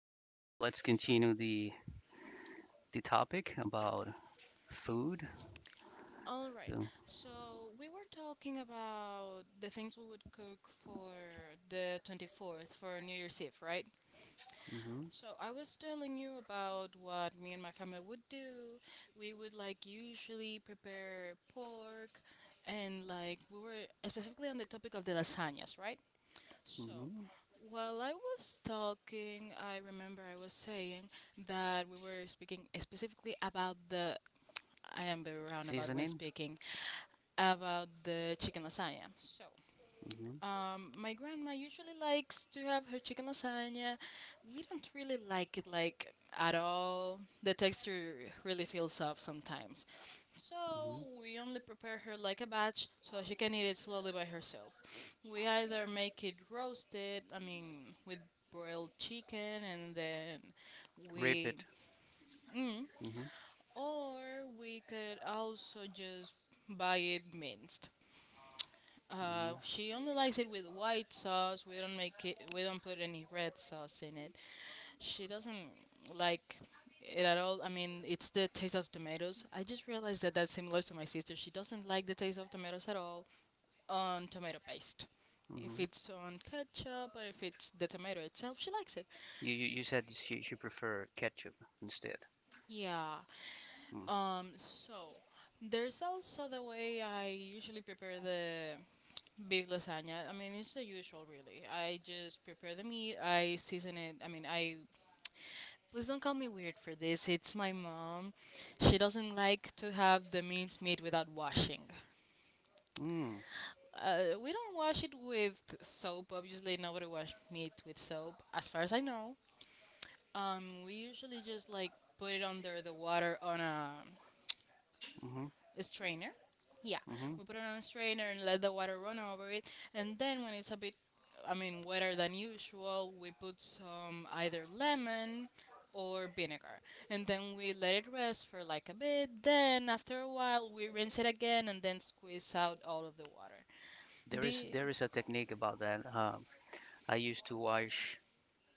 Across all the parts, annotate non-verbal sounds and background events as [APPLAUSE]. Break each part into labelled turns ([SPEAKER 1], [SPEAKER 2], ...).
[SPEAKER 1] So let's continue the topic about food.
[SPEAKER 2] All right.
[SPEAKER 1] So.
[SPEAKER 2] So we were talking about the things we would cook for the 24th for New Year's Eve, right?
[SPEAKER 1] Hmm. Hmm.
[SPEAKER 2] So I was telling you about what me and my family would do. We would usually prepare pork and we were specifically on the topic of the lasagnas, right? So while I was talking, I remember I was saying that we were speaking specifically about the I am very roundabout when
[SPEAKER 1] Seasoning.
[SPEAKER 2] speaking about the chicken lasagna. So,
[SPEAKER 1] Hmm.
[SPEAKER 2] my grandma usually likes to have her chicken lasagna. We don't really like it at all. The texture really feels off sometimes. So
[SPEAKER 1] Hmm.
[SPEAKER 2] we only prepare her like a batch so she can eat it slowly by herself. We either make it roasted, I mean, with broiled chicken, and then
[SPEAKER 1] Rip
[SPEAKER 2] we,
[SPEAKER 1] it.
[SPEAKER 2] mm,
[SPEAKER 1] Hmm.
[SPEAKER 2] or we could also just buy it minced.
[SPEAKER 1] Hmm.
[SPEAKER 2] She only likes it with white sauce. We don't make it. We don't put any red sauce in it. She doesn't like it at all. I mean, it's the taste of tomatoes. I just realized that that's similar to my sister. She doesn't like the taste of tomatoes at all on tomato paste. If
[SPEAKER 1] Hmm.
[SPEAKER 2] it's on ketchup or if it's the tomato itself, she likes it.
[SPEAKER 1] You said she prefer ketchup instead.
[SPEAKER 2] Yeah. So there's also the way I usually prepare the beef lasagna. I mean, it's the usual, really. I just prepare the meat, I season it. I mean, I Please don't call me weird for this. It's my mom. She doesn't like to have the minced meat without washing.
[SPEAKER 1] Mm-hmm.
[SPEAKER 2] We don't wash it with soap. Obviously, nobody wash meat with soap, as far as I know. We usually just like put it under the water on a
[SPEAKER 1] Mm-hmm.
[SPEAKER 2] a strainer. Yeah,
[SPEAKER 1] Mm-hmm.
[SPEAKER 2] we put it on a strainer and let the water run over it. And then when it's a bit, I mean, wetter than usual, we put some either lemon or vinegar. And then we let it rest for like a bit. Then after a while, we rinse it again and then squeeze out all of the water.
[SPEAKER 1] Is
[SPEAKER 2] The
[SPEAKER 1] there is a technique about that. I used to watch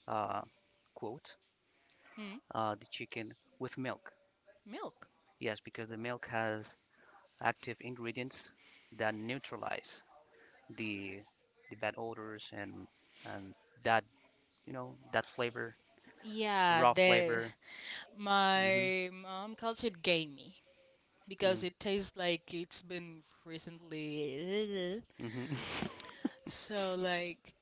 [SPEAKER 1] uh, quote
[SPEAKER 2] hmm,
[SPEAKER 1] the chicken with milk.
[SPEAKER 2] Milk.
[SPEAKER 1] Yes, because the milk has active ingredients that neutralize the the bad odors and that you know that flavor,
[SPEAKER 2] Yeah,
[SPEAKER 1] raw
[SPEAKER 2] the
[SPEAKER 1] flavor. Hmm.
[SPEAKER 2] My mom calls it gamey because it tastes like it's been recently. [LAUGHS]
[SPEAKER 1] Mm-hmm. [LAUGHS]
[SPEAKER 2] So like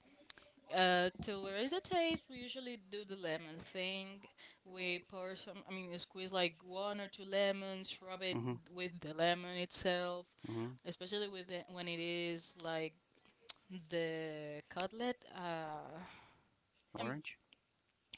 [SPEAKER 2] To raise the taste, we usually do the lemon thing. We pour some, I mean, squeeze like one or two lemons, rub it
[SPEAKER 1] Mm-hmm.
[SPEAKER 2] with the lemon itself,
[SPEAKER 1] Mm-hmm.
[SPEAKER 2] especially with when it is like the cutlet. I mean,
[SPEAKER 1] Orange.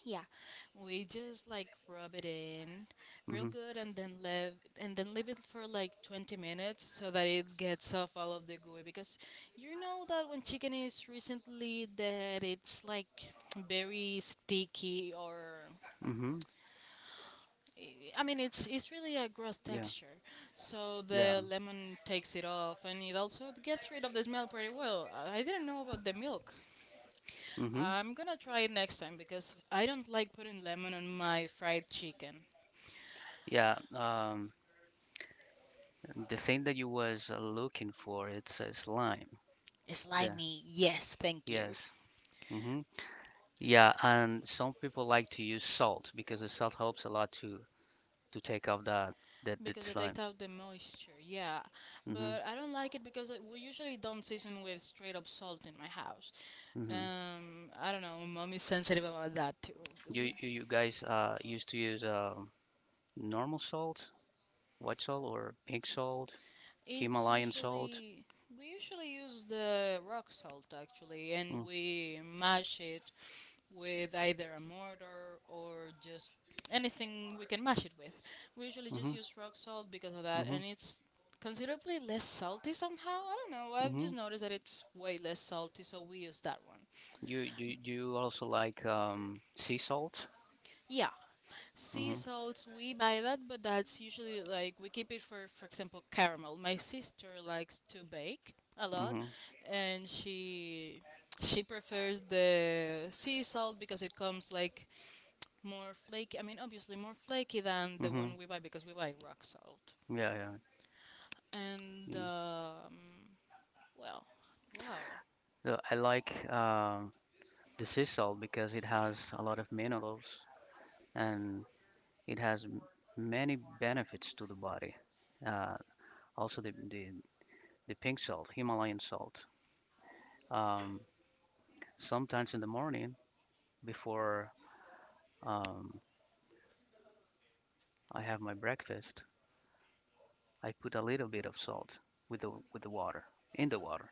[SPEAKER 2] yeah, we just like rub it in real
[SPEAKER 1] Mm-hmm.
[SPEAKER 2] good and then leave it for like 20 minutes so that it gets off all of the gooey because you know that when chicken is recently that it's like very sticky or
[SPEAKER 1] Mm-hmm.
[SPEAKER 2] I mean it's really a gross
[SPEAKER 1] Yeah.
[SPEAKER 2] texture. So
[SPEAKER 1] Yeah.
[SPEAKER 2] the lemon takes it off and it also gets rid of the smell pretty well. I didn't know about the milk.
[SPEAKER 1] Mm-hmm.
[SPEAKER 2] I'm gonna try it next time because I don't like putting lemon on my fried chicken.
[SPEAKER 1] Yeah. The thing that you was looking for, it's lime. Yeah. Yes. Hmm. Yeah, and some people like to use salt because the salt helps a lot to take off that
[SPEAKER 2] Because it
[SPEAKER 1] slime.
[SPEAKER 2] takes out the moisture, yeah.
[SPEAKER 1] Hmm.
[SPEAKER 2] But I don't like it because we usually don't season with straight up salt in my house.
[SPEAKER 1] Hmm.
[SPEAKER 2] I don't know, Mom is sensitive about that too.
[SPEAKER 1] You guys used to use normal salt, white salt or pink salt,
[SPEAKER 2] It's
[SPEAKER 1] Himalayan salt.
[SPEAKER 2] usually we usually use the rock salt actually, and
[SPEAKER 1] Mm.
[SPEAKER 2] we mash it with either a mortar or just anything we can mash it with. We usually
[SPEAKER 1] Mm-hmm.
[SPEAKER 2] just use rock salt because of that,
[SPEAKER 1] Hmm.
[SPEAKER 2] and it's considerably less salty somehow. I don't know. I've
[SPEAKER 1] Hmm.
[SPEAKER 2] just noticed that it's way less salty, so we use that one.
[SPEAKER 1] You do you do you also like sea salt?
[SPEAKER 2] Yeah, sea
[SPEAKER 1] Hmm.
[SPEAKER 2] salts we buy that, but that's usually like we keep it for example, caramel. My sister likes to bake a lot,
[SPEAKER 1] Hmm.
[SPEAKER 2] and she prefers the sea salt because it comes like more flaky. I mean, obviously more flaky than the
[SPEAKER 1] Hmm.
[SPEAKER 2] one we buy because we buy rock salt.
[SPEAKER 1] Yeah, yeah,
[SPEAKER 2] And
[SPEAKER 1] yeah.
[SPEAKER 2] well, wow.
[SPEAKER 1] I like the sea salt because it has a lot of minerals and it has many benefits to the body. Uh, also, the pink salt, Himalayan salt. Um, sometimes in the morning before um, I have my breakfast, I put a little bit of salt with the water in the water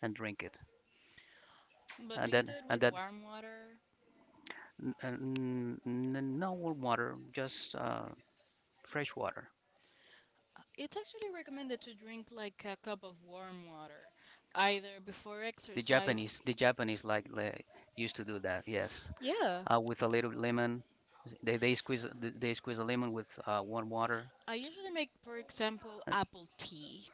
[SPEAKER 1] and drink it.
[SPEAKER 2] But do
[SPEAKER 1] And
[SPEAKER 2] you do
[SPEAKER 1] then
[SPEAKER 2] it
[SPEAKER 1] and
[SPEAKER 2] with
[SPEAKER 1] that
[SPEAKER 2] warm water?
[SPEAKER 1] n- n- n- no warm water, just fresh water.
[SPEAKER 2] It's actually recommended to drink like a cup of warm water, either before
[SPEAKER 1] The Japanese,
[SPEAKER 2] exercise.
[SPEAKER 1] the Japanese used to do that. Yes,
[SPEAKER 2] Yeah,
[SPEAKER 1] with a little lemon, they squeeze a lemon with warm water.
[SPEAKER 2] I usually make, for example, apple tea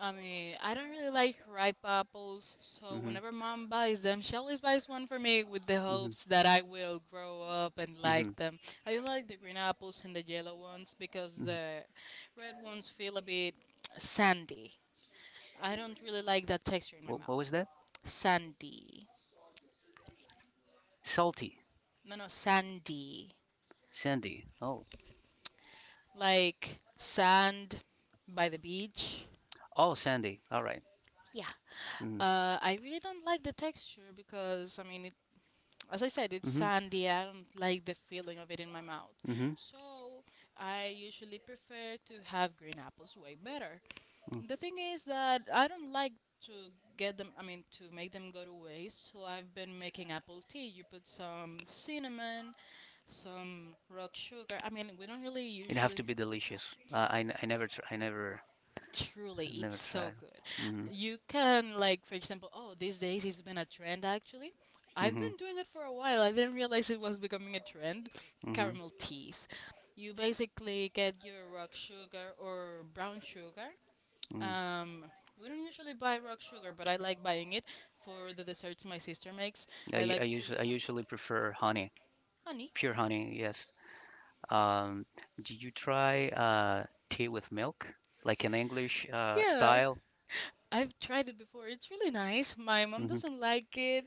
[SPEAKER 2] I mean, I don't really like ripe apples, so
[SPEAKER 1] Mm-hmm.
[SPEAKER 2] whenever mom buys them, she always buys one for me with the
[SPEAKER 1] Mm-hmm.
[SPEAKER 2] hopes that I will grow up and
[SPEAKER 1] Mm-hmm.
[SPEAKER 2] like them. I don't like the green apples and the yellow ones because
[SPEAKER 1] Hmm.
[SPEAKER 2] the red ones feel a bit sandy. I don't really like that texture in my
[SPEAKER 1] What was
[SPEAKER 2] mouth.
[SPEAKER 1] that?
[SPEAKER 2] Sandy.
[SPEAKER 1] Salty,
[SPEAKER 2] No, no, sandy.
[SPEAKER 1] sandy. Oh,
[SPEAKER 2] Like sand by the beach.
[SPEAKER 1] oh, sandy. All right.
[SPEAKER 2] Yeah.
[SPEAKER 1] Mm-hmm.
[SPEAKER 2] I really don't like the texture because I mean as I said, it's
[SPEAKER 1] Mm-hmm.
[SPEAKER 2] sandy. I don't like the feeling of it in my mouth.
[SPEAKER 1] Mm-hmm.
[SPEAKER 2] So I usually prefer to have green apples way better.
[SPEAKER 1] Mm.
[SPEAKER 2] The thing is that I don't like to get them, I mean, to make them go to waste. So I've been making apple tea. You put some cinnamon, some rock sugar. I mean, we don't really
[SPEAKER 1] It have
[SPEAKER 2] usually
[SPEAKER 1] to be delicious. I n- I never tr- I never
[SPEAKER 2] Truly, it's
[SPEAKER 1] Never
[SPEAKER 2] so
[SPEAKER 1] tried.
[SPEAKER 2] good.
[SPEAKER 1] Mhm.
[SPEAKER 2] You can like, for example, oh, these days it's been a trend actually. I've
[SPEAKER 1] Mhm.
[SPEAKER 2] been doing it for a while. I didn't realize it was becoming a trend.
[SPEAKER 1] Mhm.
[SPEAKER 2] Caramel teas. You basically get your rock sugar or brown sugar.
[SPEAKER 1] Mhm.
[SPEAKER 2] Um, we don't usually buy rock sugar, but I like buying it for the desserts my sister makes.
[SPEAKER 1] I
[SPEAKER 2] I
[SPEAKER 1] u- I
[SPEAKER 2] like to
[SPEAKER 1] usually I usually prefer honey,
[SPEAKER 2] Honey.
[SPEAKER 1] pure honey. Yes. Um, do you try tea with milk, like an English
[SPEAKER 2] Yeah,
[SPEAKER 1] style?
[SPEAKER 2] I've tried it before. It's really nice. My mom
[SPEAKER 1] Mhm.
[SPEAKER 2] doesn't like it.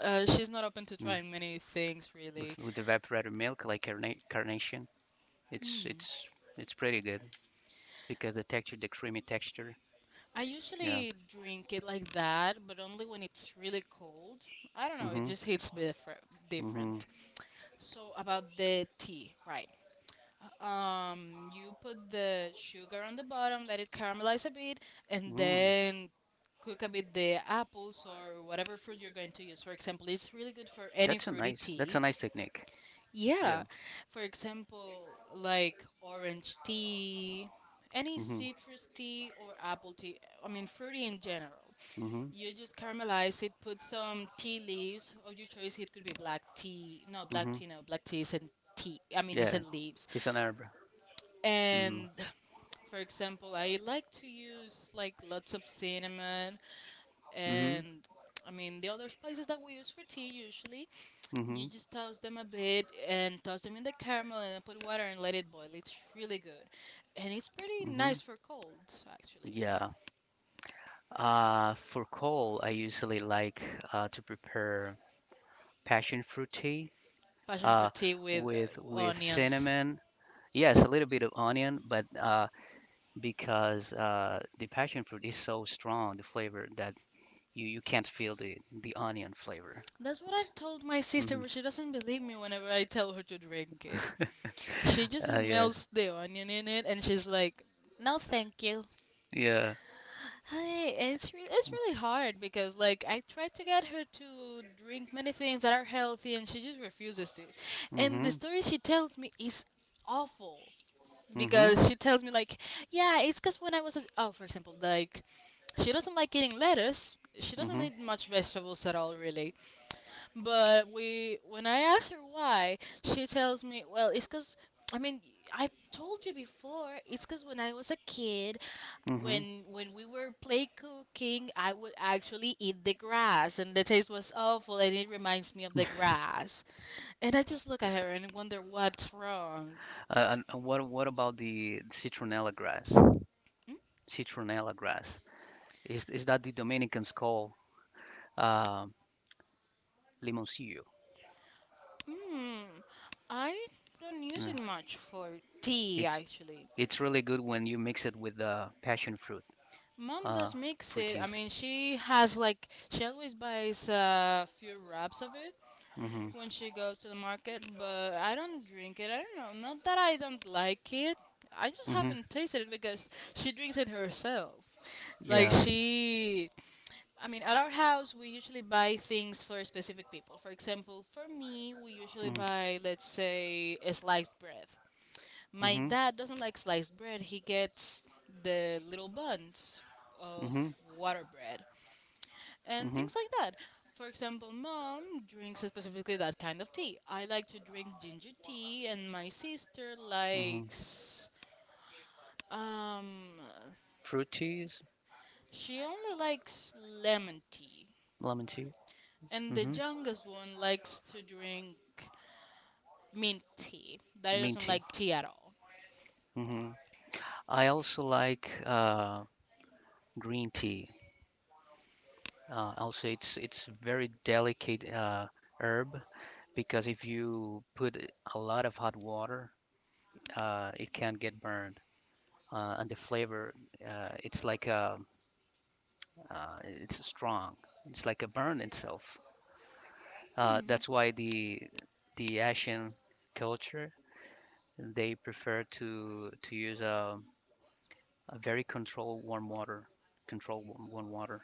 [SPEAKER 2] She's not open to
[SPEAKER 1] Mhm.
[SPEAKER 2] trying many things,
[SPEAKER 1] With
[SPEAKER 2] really.
[SPEAKER 1] with evaporated milk, like carnation. It's it's it's pretty good because the texture, the creamy texture.
[SPEAKER 2] I
[SPEAKER 1] Yeah.
[SPEAKER 2] usually drink it like that, but only when it's really cold. I don't know, it
[SPEAKER 1] Mhm.
[SPEAKER 2] just hits me
[SPEAKER 1] Mhm.
[SPEAKER 2] different. So about the tea, right? You put the sugar on the bottom, let it caramelize a bit, and
[SPEAKER 1] Mm.
[SPEAKER 2] then cook a bit the apples or whatever fruit you're going to use. For example, it's really good for any
[SPEAKER 1] That's a
[SPEAKER 2] fruity
[SPEAKER 1] nice. That's
[SPEAKER 2] tea.
[SPEAKER 1] a nice technique. Yeah.
[SPEAKER 2] Yeah. For example, like orange tea, any
[SPEAKER 1] Mhm.
[SPEAKER 2] citrus tea or apple tea, I mean, fruity in general.
[SPEAKER 1] Mhm.
[SPEAKER 2] You just caramelize it, put some tea leaves of your choice. It could be black tea. No, black
[SPEAKER 1] Mhm.
[SPEAKER 2] tea, no. Black tea isn't tea. I mean,
[SPEAKER 1] Yeah.
[SPEAKER 2] isn't leaves.
[SPEAKER 1] It's an herb. Mhm.
[SPEAKER 2] And for example, I like to use like lots of cinnamon
[SPEAKER 1] Mhm.
[SPEAKER 2] and I mean the other spices that we use for tea usually. You
[SPEAKER 1] Mhm.
[SPEAKER 2] just toast them a bit and toss them in the caramel and then put water and let it boil. It's really good, and it's pretty nice
[SPEAKER 1] Mhm.
[SPEAKER 2] for colds actually.
[SPEAKER 1] Yeah. For cold, I usually like to prepare passion fruit tea
[SPEAKER 2] Passion for
[SPEAKER 1] uh,
[SPEAKER 2] tea with
[SPEAKER 1] with
[SPEAKER 2] onions.
[SPEAKER 1] cinnamon. Yes, a little bit of onion, but because the passion fruit is so strong, the flavor that you can't feel the onion flavor.
[SPEAKER 2] That's what I've told my sister,
[SPEAKER 1] Mm-hmm.
[SPEAKER 2] but she doesn't believe me whenever I tell her to drink it. She just
[SPEAKER 1] Yes.
[SPEAKER 2] smells the onion in it and she's like, "No, thank you."
[SPEAKER 1] Yeah.
[SPEAKER 2] Hey, it's really hard because like I tried to get her to drink many things that are healthy and she just refuses to. And the
[SPEAKER 1] Mm-hmm.
[SPEAKER 2] story she tells me is awful
[SPEAKER 1] Mm-hmm.
[SPEAKER 2] because she tells me like, yeah, it's cuz when I was a- oh, for example, like she doesn't like eating lettuce. She doesn't
[SPEAKER 1] Mm-hmm.
[SPEAKER 2] eat much vegetables at all really. But we, when I ask her why, she tells me, well, it's because, I mean, I told you before, it's because when I was a kid,
[SPEAKER 1] Mm-hmm.
[SPEAKER 2] when we were play cooking, I would actually eat the grass, and the taste was awful, and it reminds me of the grass. And I just look at her and wonder what's wrong.
[SPEAKER 1] And what about the citronella grass? Citronella grass. Is that the Dominicans call uh, limoncillo?
[SPEAKER 2] Hmm, I don't use
[SPEAKER 1] Mm.
[SPEAKER 2] it much for tea, actually.
[SPEAKER 1] It's really good when you mix it with passion fruit
[SPEAKER 2] Mom
[SPEAKER 1] uh,
[SPEAKER 2] does mix
[SPEAKER 1] for
[SPEAKER 2] it. I
[SPEAKER 1] teeth.
[SPEAKER 2] mean, she has like she always buys a few wraps of it
[SPEAKER 1] Mm-hmm.
[SPEAKER 2] when she goes to the market, but I don't drink it. I don't know. Not that I don't like it. I just
[SPEAKER 1] Mm-hmm.
[SPEAKER 2] haven't tasted it because she drinks it herself. Like
[SPEAKER 1] Yeah.
[SPEAKER 2] she I mean, at our house we usually buy things for specific people. For example, for me, we usually
[SPEAKER 1] Mm.
[SPEAKER 2] buy let's say a sliced bread my
[SPEAKER 1] Mm-hmm.
[SPEAKER 2] dad doesn't like sliced bread. He gets the little buns of
[SPEAKER 1] Mm-hmm.
[SPEAKER 2] water bread and
[SPEAKER 1] Mm-hmm.
[SPEAKER 2] things like that. For example, mom drinks specifically that kind of tea. I like to drink ginger tea, and my sister
[SPEAKER 1] Mm-hmm.
[SPEAKER 2] likes. Um,
[SPEAKER 1] Fruit teas,
[SPEAKER 2] she only likes lemon tea.
[SPEAKER 1] lemon tea.
[SPEAKER 2] And the
[SPEAKER 1] Hmm.
[SPEAKER 2] youngest one likes to drink mint tea. Daddy
[SPEAKER 1] Mint
[SPEAKER 2] doesn't
[SPEAKER 1] tea.
[SPEAKER 2] like tea at all.
[SPEAKER 1] Hmm. I also like green tea. Also, it's very delicate herb because if you put a lot of hot water, it can get burned. And the flavor, uh, it's like a, it's strong. It's like a burn itself. That's why the Asian culture they prefer to use a very controlled warm water, controlled warm water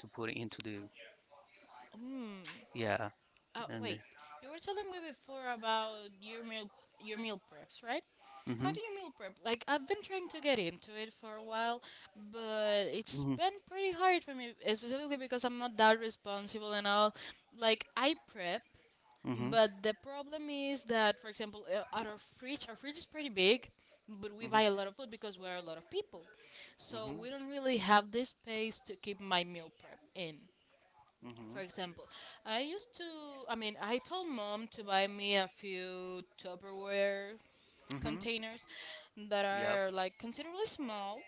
[SPEAKER 1] to put into the.
[SPEAKER 2] Mm,
[SPEAKER 1] Yeah. And.
[SPEAKER 2] Wait, you were telling me before about your meal your meal preps, right? How
[SPEAKER 1] Mhm.
[SPEAKER 2] do you meal prep? Like I've been trying to get into it for a while, but it's
[SPEAKER 1] Mhm.
[SPEAKER 2] been pretty hard for me, specifically because I'm not that responsible and all. Like I prep,
[SPEAKER 1] Mhm.
[SPEAKER 2] but the problem is that, for example, at our fridge is pretty big, but we buy a
[SPEAKER 1] Mhm.
[SPEAKER 2] lot of food because we're a lot of people, so
[SPEAKER 1] Mhm.
[SPEAKER 2] we don't really have this space to keep my meal prep in.
[SPEAKER 1] Mhm.
[SPEAKER 2] For example, I used to, I mean, I told mom to buy me a few Tupperware
[SPEAKER 1] Mhm.
[SPEAKER 2] containers that
[SPEAKER 1] Yep.
[SPEAKER 2] are like considerably small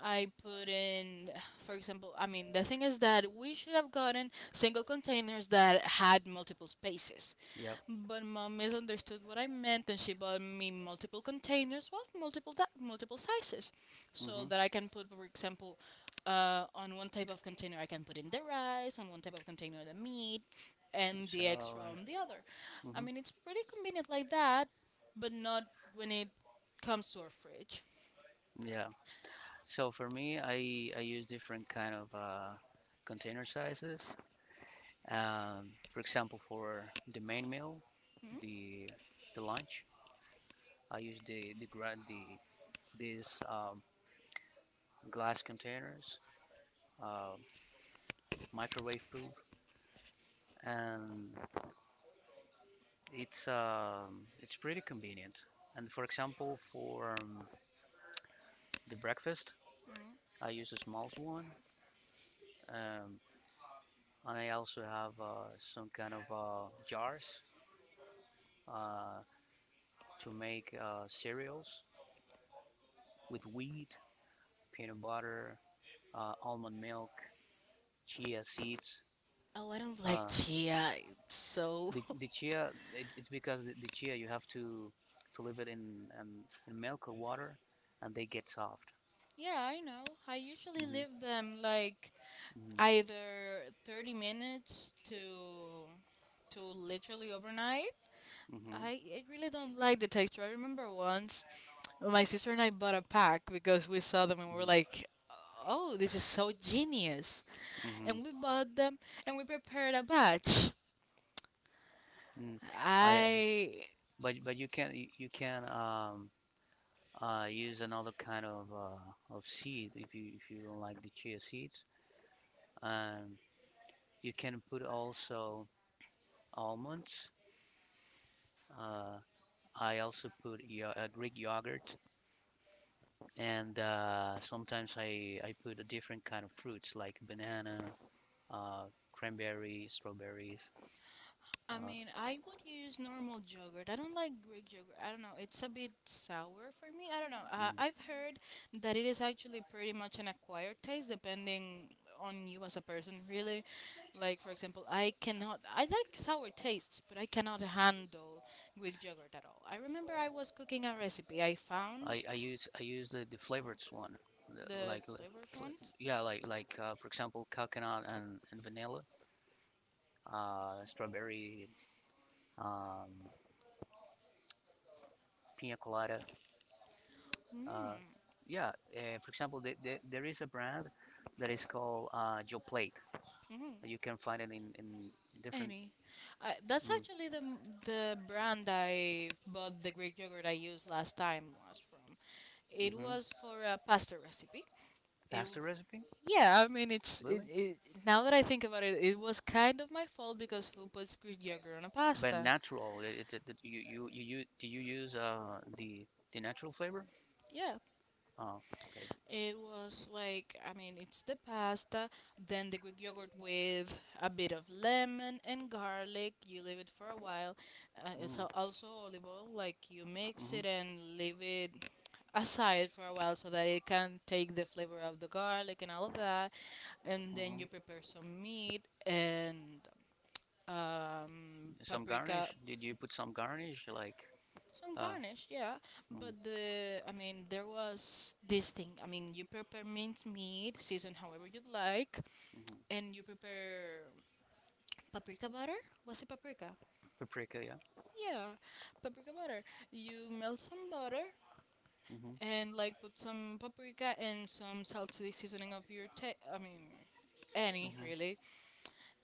[SPEAKER 2] I put in, for example, I mean, the thing is that we should have gotten single containers that had multiple spaces.
[SPEAKER 1] Yep.
[SPEAKER 2] But mom misunderstood what I meant and she bought me multiple containers, what? Multiple, multiple sizes. So
[SPEAKER 1] Mhm.
[SPEAKER 2] that I can put, for example, on one type of container, I can put in the rice, on one type of container, the meat, and the extra
[SPEAKER 1] So.
[SPEAKER 2] on the other. I
[SPEAKER 1] Mhm.
[SPEAKER 2] mean, it's pretty convenient like that, but not when it comes to our fridge.
[SPEAKER 1] Yeah. So for me I use different kind of container sizes. For example for the main meal
[SPEAKER 2] Hmm?
[SPEAKER 1] the the lunch I use the gra- the this glass containers, uh, microwave proof, and it's pretty convenient. And for example, for the breakfast, I use a small one, um, and I also have some kind of jars uh, to make cereals with wheat, peanut butter, almond milk, chia seeds.
[SPEAKER 2] Oh, I don't like
[SPEAKER 1] Uh,
[SPEAKER 2] chia. It's so.
[SPEAKER 1] The
[SPEAKER 2] [LAUGHS]
[SPEAKER 1] the chia it's because the chia you have to leave it in milk or water, and they get soft.
[SPEAKER 2] Yeah, I know. I usually
[SPEAKER 1] Hmm.
[SPEAKER 2] leave them like
[SPEAKER 1] Hmm.
[SPEAKER 2] either 30 minutes to literally overnight.
[SPEAKER 1] Hmm.
[SPEAKER 2] I really don't like the texture. I remember once my sister and I bought a pack because we saw them and we were like, "Oh, this is so genius."
[SPEAKER 1] Hmm.
[SPEAKER 2] And we bought them and we prepared a batch.
[SPEAKER 1] Hmm. Mm. I
[SPEAKER 2] I
[SPEAKER 1] but you can use another kind of seed if you don't like the chia seeds. Um, you can put also almonds. Uh, I also put yo Greek yogurt and sometimes I put a different kind of fruits like banana, uh, cranberry, strawberries. Uh,
[SPEAKER 2] mean, I would use normal yogurt. I don't like Greek yogurt. I don't know. It's a bit sour for me. I don't know.
[SPEAKER 1] mm.
[SPEAKER 2] I've heard that it is actually pretty much an acquired taste depending on you as a person, really. Like, for example, I cannot. I like sour tastes, but I cannot handle Greek yogurt at all. I remember I was cooking a recipe. I found
[SPEAKER 1] I use the flavored one, the,
[SPEAKER 2] the
[SPEAKER 1] like li-
[SPEAKER 2] flavored
[SPEAKER 1] fl-
[SPEAKER 2] ones.
[SPEAKER 1] yeah, like for example coconut and vanilla, strawberry, um, pina colada. Uh,
[SPEAKER 2] Mm.
[SPEAKER 1] yeah, for example, there is a brand that is called Joe Plate.
[SPEAKER 2] Mhm.
[SPEAKER 1] You can find it in different.
[SPEAKER 2] Any. I, that's
[SPEAKER 1] Mm.
[SPEAKER 2] actually the brand I bought the Greek yogurt I used last time was from. It
[SPEAKER 1] Mhm.
[SPEAKER 2] was for a pasta recipe. It w-
[SPEAKER 1] Pasta recipe.
[SPEAKER 2] yeah, I mean it's it,
[SPEAKER 1] Really?
[SPEAKER 2] it now that I think about it, it was kind of my fault because who puts Greek yogurt on a
[SPEAKER 1] But
[SPEAKER 2] pasta?
[SPEAKER 1] natural, do you use the natural flavor?
[SPEAKER 2] Yeah.
[SPEAKER 1] Oh, okay.
[SPEAKER 2] It was like, I mean, it's the pasta, then the Greek yogurt with a bit of lemon and garlic. You leave it for a while.
[SPEAKER 1] Mm.
[SPEAKER 2] Also olive oil. Like you mix
[SPEAKER 1] Hmm.
[SPEAKER 2] it and leave it aside for a while so that it can take the flavor of the garlic and all of that. And then you
[SPEAKER 1] Hmm.
[SPEAKER 2] prepare some meat and
[SPEAKER 1] Some
[SPEAKER 2] paprika,
[SPEAKER 1] garnish? Did you put some garnish like
[SPEAKER 2] some
[SPEAKER 1] uh
[SPEAKER 2] garnish, yeah.
[SPEAKER 1] mm.
[SPEAKER 2] But the, I mean, there was this thing. I mean, you prepare minced meat, season however you'd like,
[SPEAKER 1] Mhm.
[SPEAKER 2] and you prepare paprika butter. Was it paprika?
[SPEAKER 1] Paprika? Yeah.
[SPEAKER 2] Yeah, paprika butter. You melt some butter
[SPEAKER 1] Hmm.
[SPEAKER 2] and like put some paprika and some salty seasoning of I mean any
[SPEAKER 1] Hmm.
[SPEAKER 2] really,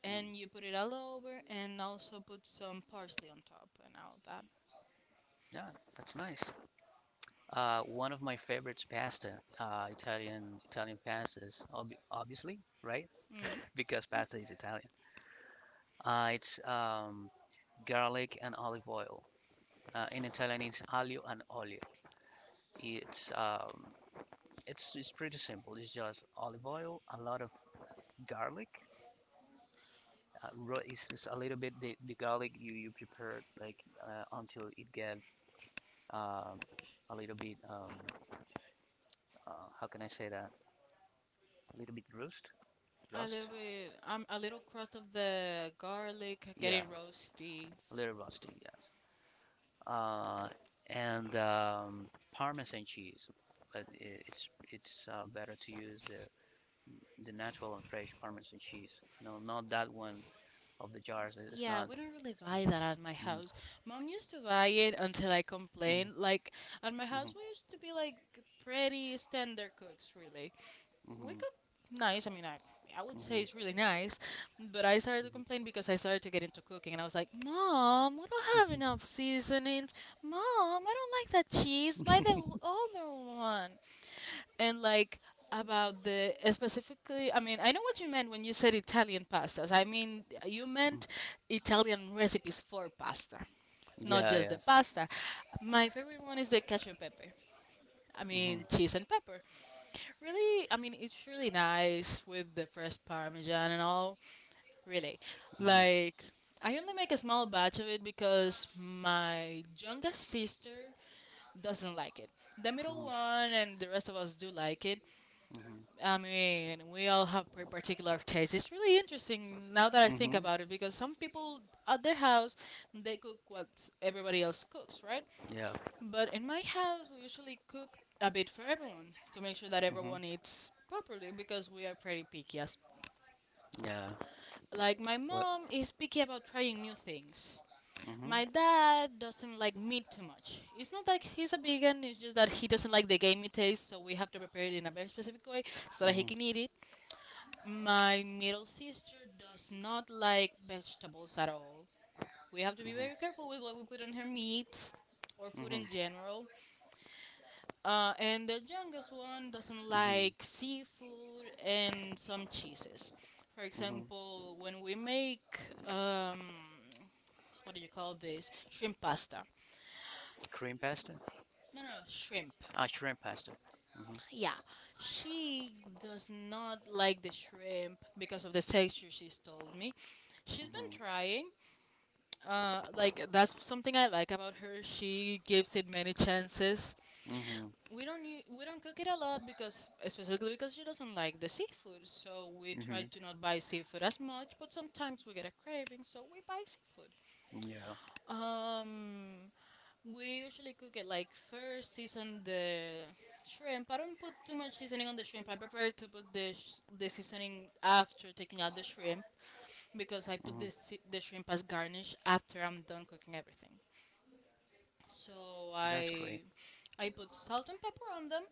[SPEAKER 2] and
[SPEAKER 1] Mm.
[SPEAKER 2] you put it all over and also put some parsley on top and all that.
[SPEAKER 1] Yeah, that's nice. One of my favorites, pasta. Italian pastas, ob obviously, right?
[SPEAKER 2] Mm.
[SPEAKER 1] [LAUGHS] Because pasta is Italian. It's garlic and olive oil. In Italian, it's aglio and olio. It's um, it's pretty simple. It's just olive oil, a lot of garlic. It's just a little bit the garlic you prepare like until it get um, a little bit how can I say that? A little bit rust,
[SPEAKER 2] A little
[SPEAKER 1] rust.
[SPEAKER 2] bit a little crust of the garlic, get
[SPEAKER 1] Yeah,
[SPEAKER 2] it roasty.
[SPEAKER 1] a little rusty. Yes. Uh, and Parmesan cheese, but it's better to use the natural and fresh Parmesan cheese. No, not that one of the jars. It's
[SPEAKER 2] Yeah,
[SPEAKER 1] not.
[SPEAKER 2] we don't really buy that at my house. Mom used to buy it until I
[SPEAKER 1] Mm.
[SPEAKER 2] complained. Like at my house we used to be like pretty standard cooks, really. We
[SPEAKER 1] Mhm.
[SPEAKER 2] got nice. I mean, I would
[SPEAKER 1] Mhm. Mhm.
[SPEAKER 2] say it's really nice, but I started to complain because I started to get into cooking, and I was like, "Mom, we don't have enough seasonings. Mom, I don't like that cheese. Buy the
[SPEAKER 1] Mhm. [LAUGHS]
[SPEAKER 2] other one." And like about the specifically, I mean, I know what you meant when you said Italian pastas. I mean, you
[SPEAKER 1] Mm.
[SPEAKER 2] meant Italian recipes for pasta, not
[SPEAKER 1] Yeah,
[SPEAKER 2] just
[SPEAKER 1] yeah.
[SPEAKER 2] the pasta. My favorite one is the cacio e pepe. I
[SPEAKER 1] Mhm.
[SPEAKER 2] mean, cheese and pepper. Really, I mean, it's really nice with the fresh parmesan and all. Really,
[SPEAKER 1] Mhm.
[SPEAKER 2] like, I only make a small batch of it because my youngest sister doesn't like it. The middle one and the rest of us do like it.
[SPEAKER 1] Mhm.
[SPEAKER 2] I mean, we all have pretty particular tastes. It's really interesting now that I
[SPEAKER 1] Mhm.
[SPEAKER 2] think
[SPEAKER 1] Mhm.
[SPEAKER 2] about it because some people at their house, they cook what everybody else cooks, right?
[SPEAKER 1] Yeah.
[SPEAKER 2] But in my house, we usually cook a bit for everyone to make sure that
[SPEAKER 1] Mhm.
[SPEAKER 2] everyone eats properly because we are pretty picky. As
[SPEAKER 1] Yeah.
[SPEAKER 2] like my
[SPEAKER 1] What? Mhm.
[SPEAKER 2] mom is picky about trying new things.
[SPEAKER 1] Mhm.
[SPEAKER 2] My dad doesn't like meat too much. It's not like he's a vegan. It's just that he doesn't like the gamey taste, so we have to prepare it in a very specific way so that he
[SPEAKER 1] Mhm.
[SPEAKER 2] can eat it. My middle sister does not like vegetables at all. We have to be very careful with what we put on her meats or food
[SPEAKER 1] Mhm.
[SPEAKER 2] in general. And the youngest one doesn't
[SPEAKER 1] Mhm.
[SPEAKER 2] like seafood and some cheeses. For
[SPEAKER 1] Hmm.
[SPEAKER 2] example, when we make um, what do you call this? Shrimp pasta.
[SPEAKER 1] Cream pasta?
[SPEAKER 2] No, no, no, shrimp.
[SPEAKER 1] Ah, shrimp pasta. Hmm.
[SPEAKER 2] Yeah, she does not like the shrimp because of the texture. She's told me. She's been
[SPEAKER 1] Hmm.
[SPEAKER 2] trying. Like that's something I like about her. She gives it many chances.
[SPEAKER 1] Hmm.
[SPEAKER 2] We don't cook it a lot because specifically because she doesn't like the seafood, so we
[SPEAKER 1] Hmm.
[SPEAKER 2] try to not buy seafood as much. But sometimes we get a craving, so we buy seafood.
[SPEAKER 1] Yeah.
[SPEAKER 2] Um, we usually cook it like first season the shrimp. I don't put too much seasoning on the shrimp. I prefer to put the seasoning after taking out the shrimp because I put
[SPEAKER 1] Hmm.
[SPEAKER 2] the shrimp as garnish after I'm done cooking everything. So
[SPEAKER 1] That's great.
[SPEAKER 2] I put salt and pepper on them,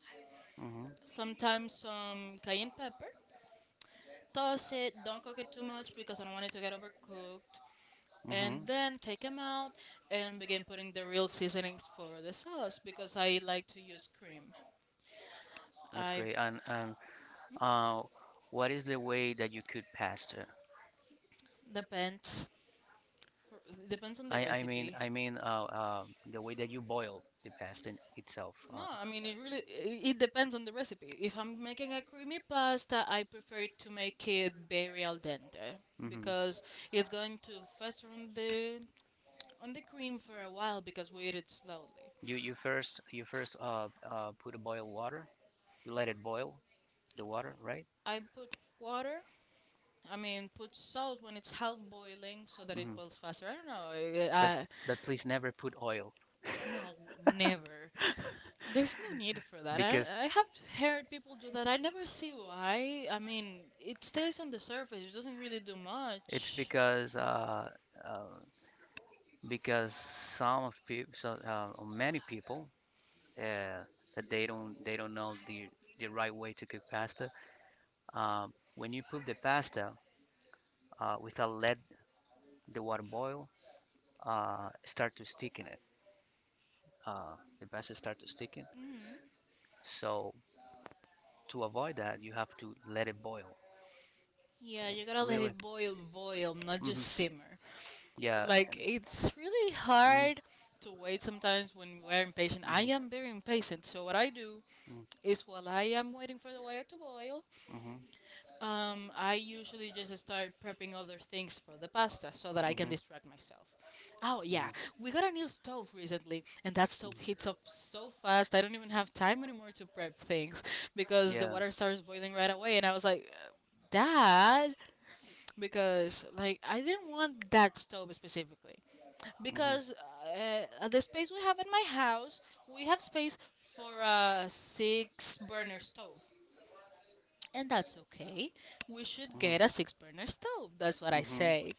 [SPEAKER 1] Hmm.
[SPEAKER 2] sometimes some cayenne pepper. Toss it, don't cook it too much because I don't want it to get overcooked.
[SPEAKER 1] Hmm.
[SPEAKER 2] And then take them out and begin putting the real seasonings for the sauce because I like to use cream.
[SPEAKER 1] That's
[SPEAKER 2] I
[SPEAKER 1] great. And Uh, what is the way that you cook pasta?
[SPEAKER 2] Depends for, depends on the
[SPEAKER 1] I, I mean,
[SPEAKER 2] recipe.
[SPEAKER 1] I mean, the way that you boil the pasta in itself.
[SPEAKER 2] No, I mean it really it depends on the recipe. If I'm making a creamy pasta, I prefer to make it very al dente
[SPEAKER 1] Hmm.
[SPEAKER 2] because it's going to fester on the cream for a while because we eat it slowly.
[SPEAKER 1] You first put a boil water. You let it boil the water, right?
[SPEAKER 2] I put water. I mean, put salt when it's half boiling so that it
[SPEAKER 1] Hmm.
[SPEAKER 2] boils faster. I don't know. I, I-
[SPEAKER 1] But please never put oil
[SPEAKER 2] no, never. There's no need for that.
[SPEAKER 1] because
[SPEAKER 2] I have heard people do that. I never see why. I mean, it stays on the surface. It doesn't really do
[SPEAKER 1] it's
[SPEAKER 2] much.
[SPEAKER 1] uh, because some of people, so, many people, uh, that they don't know the right way to cook pasta. When you put the pasta without let the water boil, start to stick in it. The pasta start to stick in.
[SPEAKER 2] Hmm.
[SPEAKER 1] So to avoid that, you have to let it boil.
[SPEAKER 2] Yeah, you gotta let
[SPEAKER 1] Really?
[SPEAKER 2] it boil, boil, not just
[SPEAKER 1] Hmm.
[SPEAKER 2] simmer.
[SPEAKER 1] Yeah.
[SPEAKER 2] Like it's really
[SPEAKER 1] Mhm.
[SPEAKER 2] hard to wait sometimes when we're impatient. I
[SPEAKER 1] Mhm.
[SPEAKER 2] am very impatient, so what I do
[SPEAKER 1] Mm.
[SPEAKER 2] is while I am waiting for the water to boil,
[SPEAKER 1] Mhm.
[SPEAKER 2] um, I usually just start prepping other things for the pasta so that I can distract myself. Oh yeah, we got a new stove recently, and that stove heats up so fast. I don't even have time anymore to prep things because the water starts boiling right away, and I was like, Dad," because like I didn't want that stove specifically because at the space we have in my house, we have space for a six burner stove, and that's okay. We should get a six burner stove. That's what I say,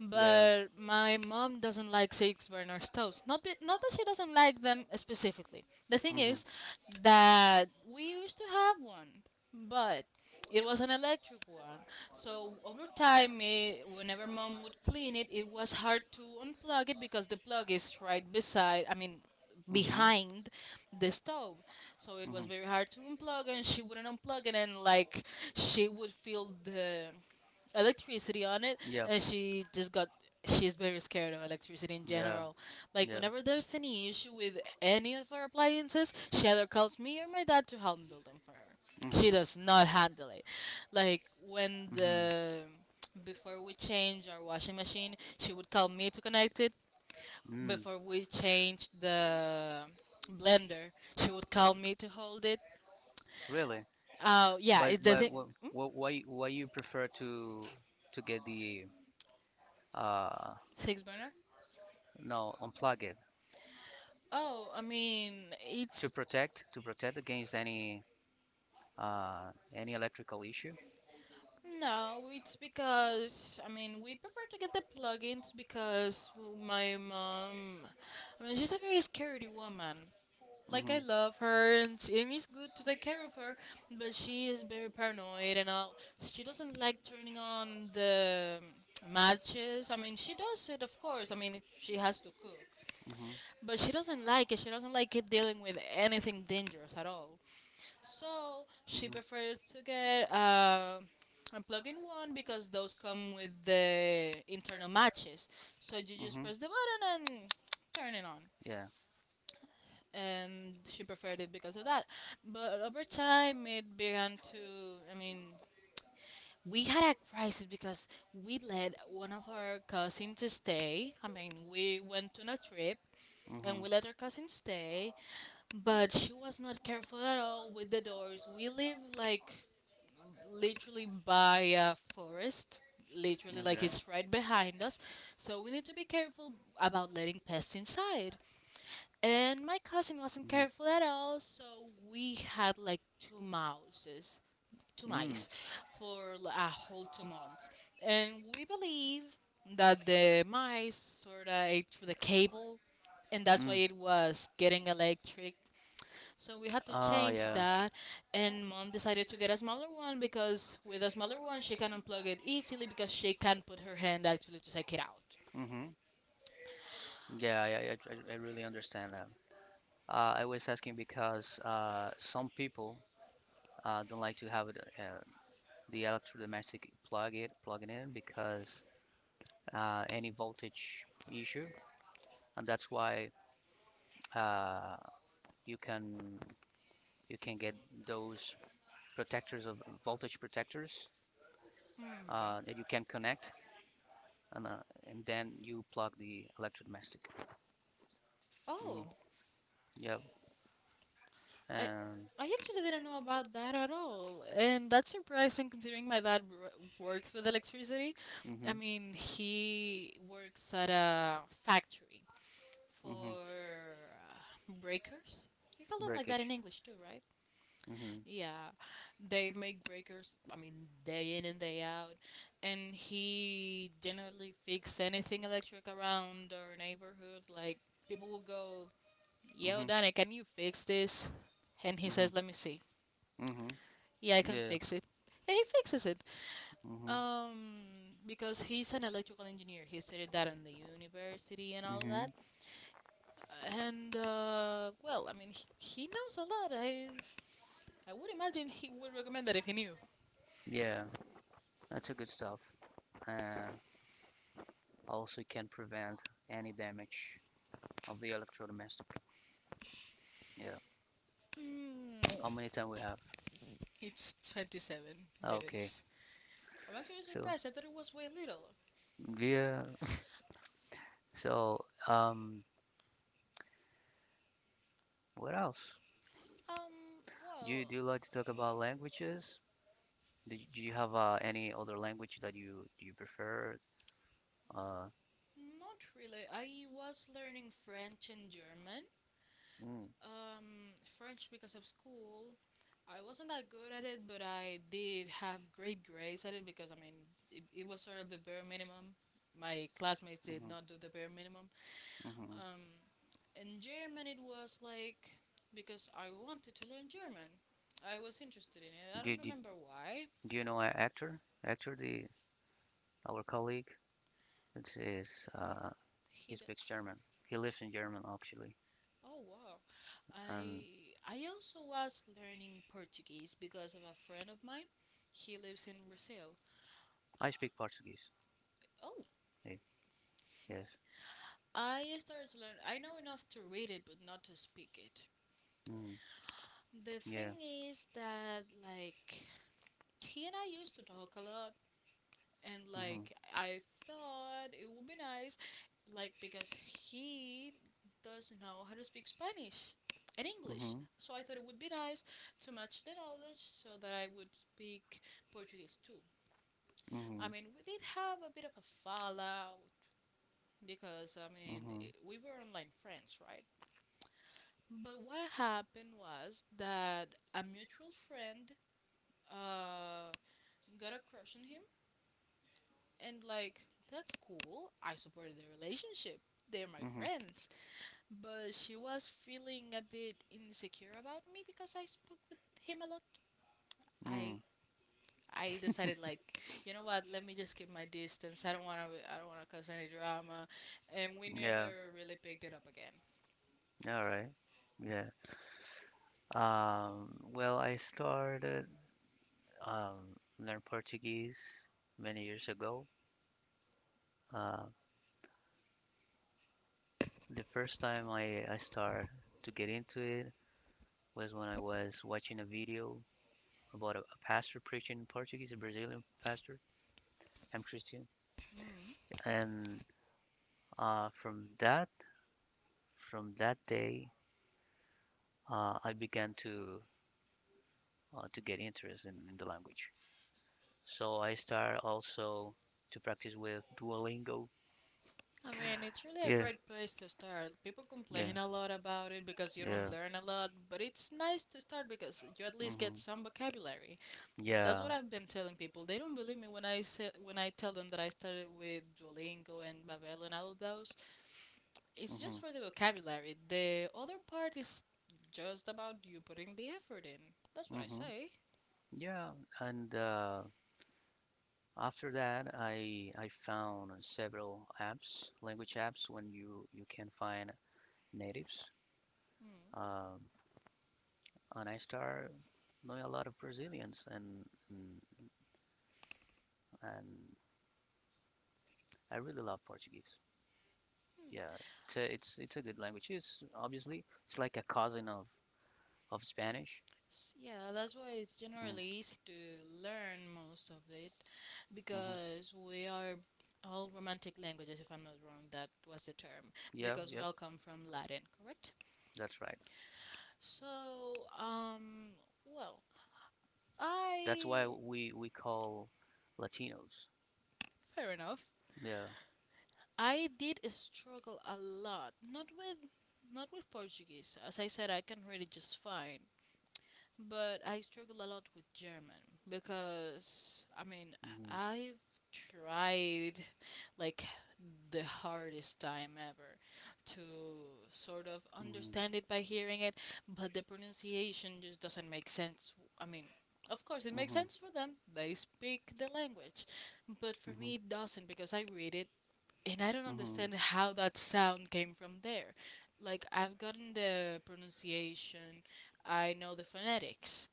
[SPEAKER 2] but my mom doesn't like six burner stoves. Not be, not that she doesn't like them specifically. The thing
[SPEAKER 1] Hmm.
[SPEAKER 2] is that we used to have one, but it was an electric one. So over time, it, whenever mom would clean it, it was hard to unplug it because the plug is right beside. I mean, behind the stove, so it was very hard to unplug and she wouldn't unplug it, and like she would feel the electricity on it,
[SPEAKER 1] Yeah.
[SPEAKER 2] and she just got, she's very scared of electricity in
[SPEAKER 1] Yeah.
[SPEAKER 2] general. Like
[SPEAKER 1] Yeah.
[SPEAKER 2] whenever there's any issue with any of her appliances, she either calls me or my dad to handle them for her. She
[SPEAKER 1] Mhm.
[SPEAKER 2] does not handle it. Like when
[SPEAKER 1] Mhm.
[SPEAKER 2] the, before we change our washing machine, she would call me to connect it.
[SPEAKER 1] Mm.
[SPEAKER 2] Before we changed the blender, she would call me to hold it.
[SPEAKER 1] Really?
[SPEAKER 2] Uh yeah,
[SPEAKER 1] But
[SPEAKER 2] it's the
[SPEAKER 1] but
[SPEAKER 2] thing.
[SPEAKER 1] what why you prefer to get the uh
[SPEAKER 2] Six burner.
[SPEAKER 1] no unplug it
[SPEAKER 2] Oh, I mean
[SPEAKER 1] to
[SPEAKER 2] it's,
[SPEAKER 1] protect to protect against any electrical issue?
[SPEAKER 2] no, it's because I mean we prefer to get the plugins because well, my mom, I mean she's a very scary woman. Like
[SPEAKER 1] Mhm.
[SPEAKER 2] I love her and, she, and it's good to take care of her, but she is very paranoid and all. She doesn't like turning on the matches. I mean she does it, of course. I mean it, she has to cook,
[SPEAKER 1] Mhm.
[SPEAKER 2] but she doesn't like it. She doesn't like it dealing with anything dangerous at all. So she
[SPEAKER 1] Mhm.
[SPEAKER 2] prefers to get a plug-in one because those come with the internal matches. So you just
[SPEAKER 1] Mm-hmm.
[SPEAKER 2] press the button and turn it on.
[SPEAKER 1] Yeah.
[SPEAKER 2] And she preferred it because of that. But over time, it began to. I mean, we had a crisis because we let one of our cousins stay. I mean, we went on a trip
[SPEAKER 1] Mm-hmm.
[SPEAKER 2] and we let our cousin stay, but she was not careful at all with the doors. We live like literally by a forest, literally like
[SPEAKER 1] Okay.
[SPEAKER 2] it's right behind us, so we need to be careful about letting pests inside, and my cousin wasn't
[SPEAKER 1] Mm-hmm.
[SPEAKER 2] careful at all, so we had like two
[SPEAKER 1] Mm.
[SPEAKER 2] mice for a whole 2 months, and we believe that the mice sort of ate through the cable, and that's why
[SPEAKER 1] Mm.
[SPEAKER 2] it was getting electric. So we had to
[SPEAKER 1] Oh,
[SPEAKER 2] change
[SPEAKER 1] yeah.
[SPEAKER 2] that, and mom decided to get a smaller one because with a smaller one she can unplug it easily because she can put her hand actually to take it out.
[SPEAKER 1] Mm-hmm. Yeah, yeah, yeah, I really understand that. I was asking because some people don't like to have it, the electrodomestic plug it plugging in because any voltage issue, and that's why uh, you can you can get those protectors of voltage protectors that you can connect and, uh, and then you plug the electrodomestic. Mm-hmm.
[SPEAKER 2] Oh,
[SPEAKER 1] Yep.
[SPEAKER 2] I
[SPEAKER 1] And.
[SPEAKER 2] I actually didn't know about that at all, and that's surprising considering my works with electricity. I
[SPEAKER 1] Mm-hmm.
[SPEAKER 2] mean, he works at a factory
[SPEAKER 1] Mm-hmm.
[SPEAKER 2] for breakers. You call them like that in
[SPEAKER 1] Breakage.
[SPEAKER 2] English too, right?
[SPEAKER 1] Mm-hmm.
[SPEAKER 2] Yeah, they make breakers. I mean, day in and day out, and he generally fix anything electric around our neighborhood. Like people will go, "Yo, Danny,
[SPEAKER 1] Mm-hmm.
[SPEAKER 2] can you fix this?" And he
[SPEAKER 1] Mm-hmm.
[SPEAKER 2] says, "Let me see.
[SPEAKER 1] Mm-hmm.
[SPEAKER 2] Yeah, I can
[SPEAKER 1] Yeah.
[SPEAKER 2] fix it." And he fixes it.
[SPEAKER 1] Mm-hmm.
[SPEAKER 2] Because he's an electrical engineer. He studied that in the university and all that.
[SPEAKER 1] Mm-hmm.
[SPEAKER 2] And well, I mean, he knows a lot. I would imagine he would recommend that if he knew.
[SPEAKER 1] Yeah. That's a good stuff. Uh, also can prevent any damage of the electrodomestic. Yeah.
[SPEAKER 2] Mm.
[SPEAKER 1] How many time we have?
[SPEAKER 2] It's 27
[SPEAKER 1] Ah, okay.
[SPEAKER 2] minutes. I'm actually
[SPEAKER 1] So.
[SPEAKER 2] surprised. I thought it was way little.
[SPEAKER 1] Yeah. So, um, what else?
[SPEAKER 2] Um,
[SPEAKER 1] Do you, do
[SPEAKER 2] well,
[SPEAKER 1] you like to talk about languages? Do you have any other language that you prefer? Uh,
[SPEAKER 2] Not really. I was learning French and German.
[SPEAKER 1] mm.
[SPEAKER 2] French because of school. I wasn't that good at it, but I did have great grades at it because, I mean, it was sort of the bare minimum. My classmates did
[SPEAKER 1] Hmm.
[SPEAKER 2] not do the bare minimum.
[SPEAKER 1] Hmm.
[SPEAKER 2] Um, in German, it was like because I wanted to learn German. I was interested in it. I
[SPEAKER 1] Do,
[SPEAKER 2] don't
[SPEAKER 1] do,
[SPEAKER 2] remember why.
[SPEAKER 1] do you know an actor? The our colleague. It's is uh,
[SPEAKER 2] He
[SPEAKER 1] he
[SPEAKER 2] d
[SPEAKER 1] speaks German. He lives in German actually,
[SPEAKER 2] Oh wow.
[SPEAKER 1] and
[SPEAKER 2] I also was learning Portuguese because of a friend of mine. He lives in Brazil.
[SPEAKER 1] I speak Portuguese.
[SPEAKER 2] Oh,
[SPEAKER 1] Hey, yes.
[SPEAKER 2] I started to learn. I know enough to read it but not to speak it.
[SPEAKER 1] Mm,
[SPEAKER 2] The thing
[SPEAKER 1] yeah.
[SPEAKER 2] is that like he and I used to talk a lot, and like I thought it would be nice, like because he does know how to speak Spanish and English.
[SPEAKER 1] Hmm.
[SPEAKER 2] So I thought it would be nice to match the knowledge so that I would speak Portuguese too.
[SPEAKER 1] Mm-hmm.
[SPEAKER 2] I mean, we did have a bit of a fallout because I mean,
[SPEAKER 1] Mm-hmm.
[SPEAKER 2] we were online friends, right? But what happened was that a mutual friend uh, got a crush on him. And like, that's cool. I supported their relationship. They're my
[SPEAKER 1] Mm-hmm.
[SPEAKER 2] friends. But she was feeling a bit insecure about me because I spoke with him a lot. I
[SPEAKER 1] Mm.
[SPEAKER 2] I decided like, you know what, let me just keep my distance. I don't wanna cause any drama, and we
[SPEAKER 1] Yeah.
[SPEAKER 2] never really picked it up again.
[SPEAKER 1] All right. Yeah. Well, I started learn Portuguese many years ago. Uh, the first time I started to get into it was when I was watching a video about a pastor preaching in Portuguese, a Brazilian pastor. I'm Christian,
[SPEAKER 2] Mm.
[SPEAKER 1] and uh, from that from that day I began to get interest in the language. So I started also to practice with Duolingo.
[SPEAKER 2] I mean, it's really a
[SPEAKER 1] Yeah,
[SPEAKER 2] great place to start. People
[SPEAKER 1] yeah,
[SPEAKER 2] complain a lot about it because you don't
[SPEAKER 1] yeah.
[SPEAKER 2] learn a lot, but it's nice to start because you at least get
[SPEAKER 1] Hmm.
[SPEAKER 2] some vocabulary. That's
[SPEAKER 1] Yeah.
[SPEAKER 2] what I've been telling people. They don't believe me when I say when I tell them that I started with Duolingo and Babel and all of those. It's just
[SPEAKER 1] Hmm.
[SPEAKER 2] for the vocabulary. The other part is just about you putting the effort in. That's what I
[SPEAKER 1] Hmm.
[SPEAKER 2] say.
[SPEAKER 1] Yeah, and after that, I found several apps, language apps, when you can find natives,
[SPEAKER 2] Mm.
[SPEAKER 1] um, and I start knowing a lot of Brazilians, and, and I really love Portuguese. Yeah, it's a good language. It's obviously it's like a cousin of Spanish.
[SPEAKER 2] Yeah, that's why it's
[SPEAKER 1] Mm.
[SPEAKER 2] generally easy to learn most of it
[SPEAKER 1] Mhm.
[SPEAKER 2] because we are all romantic languages, if I'm not wrong, that was the term
[SPEAKER 1] Yeah,
[SPEAKER 2] because we
[SPEAKER 1] yeah,
[SPEAKER 2] all come from Latin, correct?
[SPEAKER 1] that's right.
[SPEAKER 2] So, um, well,
[SPEAKER 1] That's why
[SPEAKER 2] I
[SPEAKER 1] we call Latinos.
[SPEAKER 2] Fair enough.
[SPEAKER 1] Yeah.
[SPEAKER 2] I did struggle a lot, not with Portuguese. As I said, I can read it just fine. But I struggled a lot with German because I mean,
[SPEAKER 1] Hmm.
[SPEAKER 2] I've tried like the hardest time ever to sort of
[SPEAKER 1] Hmm.
[SPEAKER 2] understand it by hearing it, but the pronunciation just doesn't make sense. I mean, of course, it
[SPEAKER 1] Hmm.
[SPEAKER 2] makes
[SPEAKER 1] Hmm.
[SPEAKER 2] sense for them. They speak the language. But for me, it doesn't because I read it and I don't
[SPEAKER 1] Hmm.
[SPEAKER 2] understand how that sound came from there. Like I've gotten the pronunciation, I know the phonetics,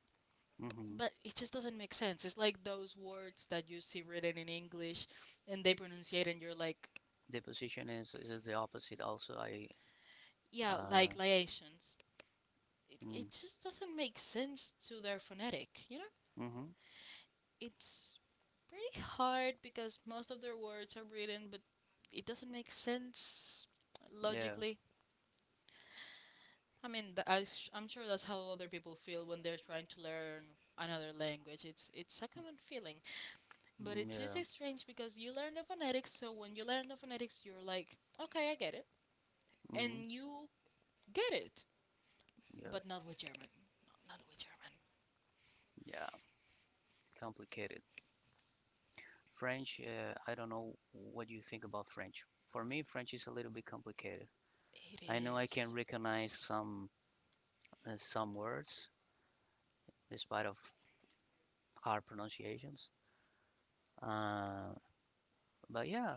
[SPEAKER 1] Hmm.
[SPEAKER 2] but it just doesn't make sense. It's like those words that you see written in English, and they pronunciate, and you're like,
[SPEAKER 1] The position is the opposite. Also, I.
[SPEAKER 2] yeah,
[SPEAKER 1] Uh,
[SPEAKER 2] like liations. It
[SPEAKER 1] mm.
[SPEAKER 2] it just doesn't make sense to their phonetic. You know,
[SPEAKER 1] Hmm.
[SPEAKER 2] it's pretty hard because most of their words are written, but it doesn't make sense
[SPEAKER 1] Yeah.
[SPEAKER 2] logically. I mean, I'm sure that's how other people feel when they're trying to learn another language. It's a common feeling, but
[SPEAKER 1] Mm.
[SPEAKER 2] it's
[SPEAKER 1] Yeah.
[SPEAKER 2] just strange because you learn the phonetics, so when you learn the phonetics, you're like, okay, I get it,
[SPEAKER 1] Hmm.
[SPEAKER 2] and you get it,
[SPEAKER 1] Yeah.
[SPEAKER 2] but not with German, not with German.
[SPEAKER 1] Yeah. Complicated. French, I don't know what you think about French. For me, French is a little bit complicated.
[SPEAKER 2] It
[SPEAKER 1] I know I can
[SPEAKER 2] is.
[SPEAKER 1] recognize some words, despite of hard pronunciations. Uh, but yeah,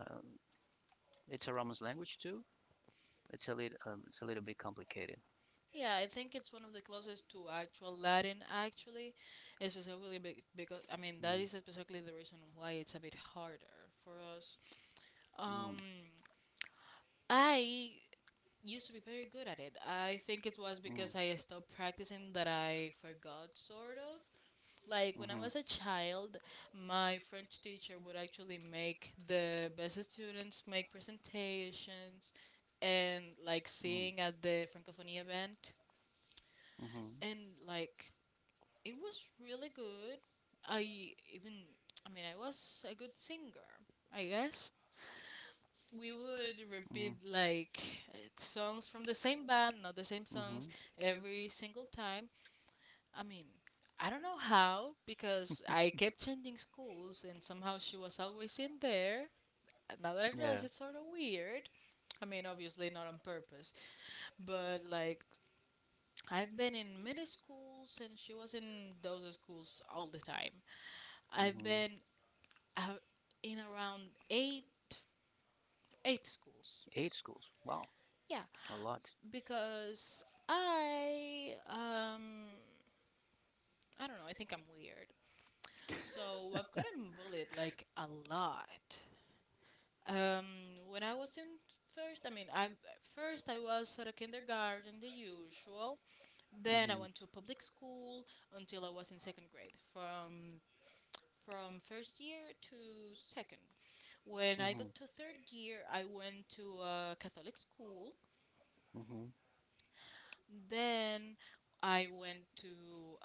[SPEAKER 1] it's a Romance language too. It's a little bit complicated.
[SPEAKER 2] Yeah, I think it's one of the closest to actual Latin, actually, especially because I mean that is specifically the reason why it's a bit harder for us. Um, I used to be very good at it. I think it was
[SPEAKER 1] Mm,
[SPEAKER 2] because I stopped practicing that I forgot, sort of. Like when I
[SPEAKER 1] mm,
[SPEAKER 2] was a child, my French teacher would actually make the best students make presentations and like
[SPEAKER 1] mm, mhm, mm,
[SPEAKER 2] sing at the Francophonie event.
[SPEAKER 1] mm-hmm.
[SPEAKER 2] And like it was really good. I even, I mean, I was a good singer, I guess. We would
[SPEAKER 1] Mm-hmm.
[SPEAKER 2] repeat like songs from the same band, not the same
[SPEAKER 1] Mm-hmm.
[SPEAKER 2] songs every single time. I mean, I don't know how because I kept changing schools and somehow she was always in there. Now that I
[SPEAKER 1] Yeah.
[SPEAKER 2] realize it's sort of weird. I mean, obviously not on purpose, but like I've been in middle schools and she was in those schools all the time. I've
[SPEAKER 1] Mm-hmm.
[SPEAKER 2] been out in around eight eight schools.
[SPEAKER 1] Eight schools. Wow,
[SPEAKER 2] Yeah,
[SPEAKER 1] a lot.
[SPEAKER 2] because I um I don't know, I think I'm weird. So I've gotten bullied like a lot. Um when I was in first, I mean, I first I was at a kindergarten, the usual. Then I
[SPEAKER 1] Mm-hmm.
[SPEAKER 2] went to a public school until I was in second grade. From first year to second. When I
[SPEAKER 1] Mm-hmm.
[SPEAKER 2] got to third year, I went to a
[SPEAKER 1] Mm-hmm.
[SPEAKER 2] Catholic school. Then I went to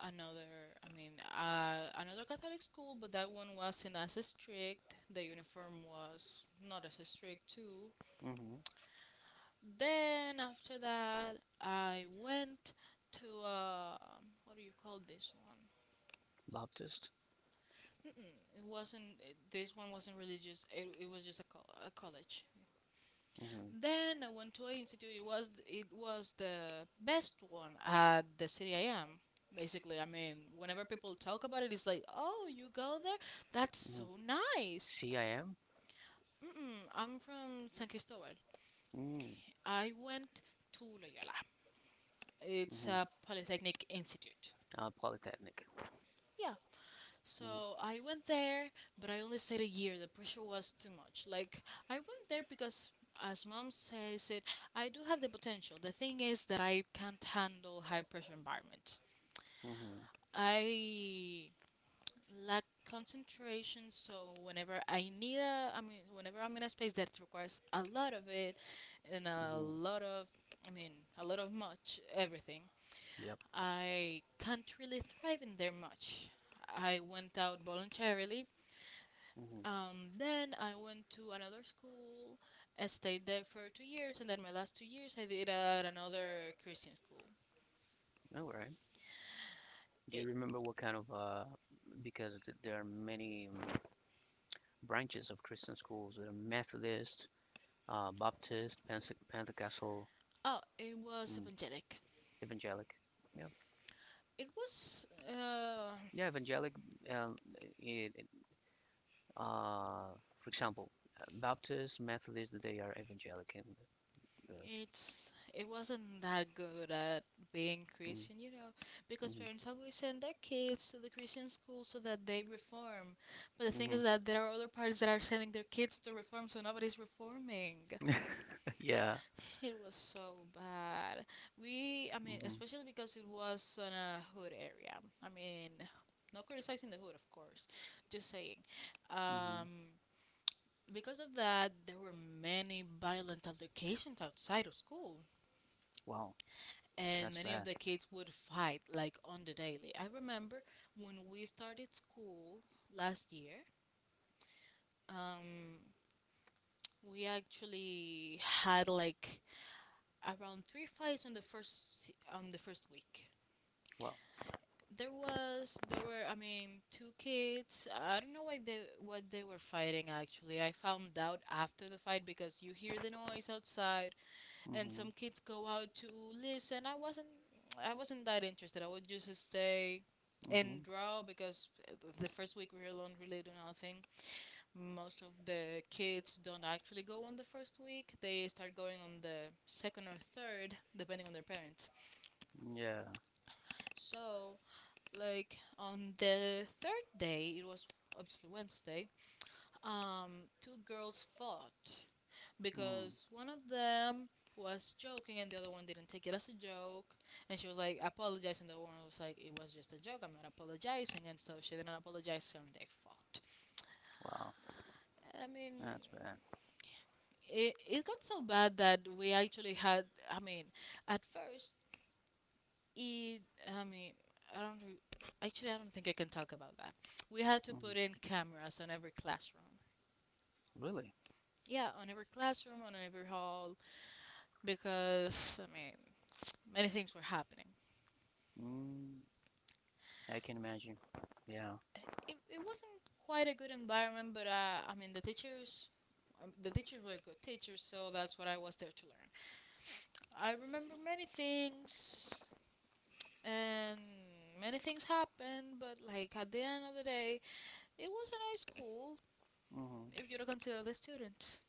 [SPEAKER 2] another, I mean, another Catholic school, but that one wasn't as strict. The uniform was not as strict too.
[SPEAKER 1] Mm-hmm.
[SPEAKER 2] Then after that, I went to what do you call this one?
[SPEAKER 1] Baptist,
[SPEAKER 2] Mm-mm, it wasn't. This one wasn't religious. It was just a, a college.
[SPEAKER 1] mm-hmm.
[SPEAKER 2] Then I went to A Institute. It was the best one at the city I am. Basically, I mean, whenever people talk about it, it's like, oh, you go there? That's
[SPEAKER 1] Mm-hmm.
[SPEAKER 2] so nice.
[SPEAKER 1] CIM,
[SPEAKER 2] Mm-mm, I'm from San Cristobal.
[SPEAKER 1] mm-hmm.
[SPEAKER 2] I went to Loyola. It's
[SPEAKER 1] Mm-hmm.
[SPEAKER 2] a polytechnic institute.
[SPEAKER 1] Polytechnic.
[SPEAKER 2] Yeah,
[SPEAKER 1] Mm-hmm.
[SPEAKER 2] so I went there, but I only stayed a year. The pressure was too much. Like I went there because, as mom says it, I do have the potential. The thing is that I can't handle high pressure environment.
[SPEAKER 1] Mm-hmm.
[SPEAKER 2] I lack concentration. So whenever I need I mean, whenever I'm in a space that requires a lot of it, and a
[SPEAKER 1] Mm-hmm.
[SPEAKER 2] lot of, I mean, a lot of much everything,
[SPEAKER 1] Yep.
[SPEAKER 2] I can't really thrive in there much. I went out voluntarily.
[SPEAKER 1] Mm-hmm.
[SPEAKER 2] Then I went to another school. I stayed there for 2 years, and then my last 2 years I did at another Christian school.
[SPEAKER 1] All right. Do you
[SPEAKER 2] It,
[SPEAKER 1] remember what kind of because there are many branches of Christian schools? There are Methodist, Baptist, Pentecostal,
[SPEAKER 2] oh, it was
[SPEAKER 1] mm,
[SPEAKER 2] evangelic.
[SPEAKER 1] Evangelic. Yeah,
[SPEAKER 2] It was uh,
[SPEAKER 1] yeah, Evangelic. Um, it, it, uh, for example, Baptist, Methodist, they are Evangelic, and the,
[SPEAKER 2] it's it wasn't that good at being
[SPEAKER 1] mm,
[SPEAKER 2] Christian, you know, because
[SPEAKER 1] mhm,
[SPEAKER 2] parents always send their kids to the Christian school so that they reform. But the thing
[SPEAKER 1] mhm.
[SPEAKER 2] is that there are other parents that are sending their kids to reform, so nobody's reforming.
[SPEAKER 1] [LAUGHS] Yeah.
[SPEAKER 2] It was so bad. I mean,
[SPEAKER 1] Hmm.
[SPEAKER 2] especially because it was in a hood area. I mean, not criticizing the hood, of course, just saying.
[SPEAKER 1] Hmm.
[SPEAKER 2] Um, because of that, there were many violent altercations outside of school,
[SPEAKER 1] Wow,
[SPEAKER 2] and
[SPEAKER 1] that's
[SPEAKER 2] many
[SPEAKER 1] bad.
[SPEAKER 2] of the kids would fight like on the daily. I remember when we started school last year. Um, we actually had like around 3 fights on the on the first week.
[SPEAKER 1] Wow.
[SPEAKER 2] There were I mean two kids. I don't know why they what they were fighting actually. I found out after the fight because you hear the noise outside and
[SPEAKER 1] Mm-hmm.
[SPEAKER 2] some kids go out to listen. I wasn't that interested. I would just stay
[SPEAKER 1] Mm-hmm.
[SPEAKER 2] and draw because the first week we were alone really do nothing. Most of the kids don't actually go on the first week. They start going on the second or third depending on their parents.
[SPEAKER 1] Yeah.
[SPEAKER 2] So, like, on the third day, it was obviously Wednesday. Two girls fought
[SPEAKER 1] Mm.
[SPEAKER 2] because one of them was joking and the other one didn't take it as a joke. And she was like apologizing. The other one was like, it was just a joke, I'm not apologizing. And so she didn't apologize, and they fought.
[SPEAKER 1] Wow,
[SPEAKER 2] I mean,
[SPEAKER 1] that's bad.
[SPEAKER 2] it got so bad that we actually had, I mean, at first it, I mean, I don't re- actually I don't think I can talk about that. We had to
[SPEAKER 1] Mm-hmm.
[SPEAKER 2] put in cameras on every classroom.
[SPEAKER 1] Really?
[SPEAKER 2] Yeah, on every classroom, on every hall, because I mean, many things were happening.
[SPEAKER 1] Mm, I can imagine. Yeah.
[SPEAKER 2] It wasn't quite a good environment, but I mean, the teachers, the teachers were good teachers, so that's what I was there to learn. I remember many things, and many things happened, but like at the end of the day, it was a nice school
[SPEAKER 1] Mm-hmm.
[SPEAKER 2] if you don't consider the students.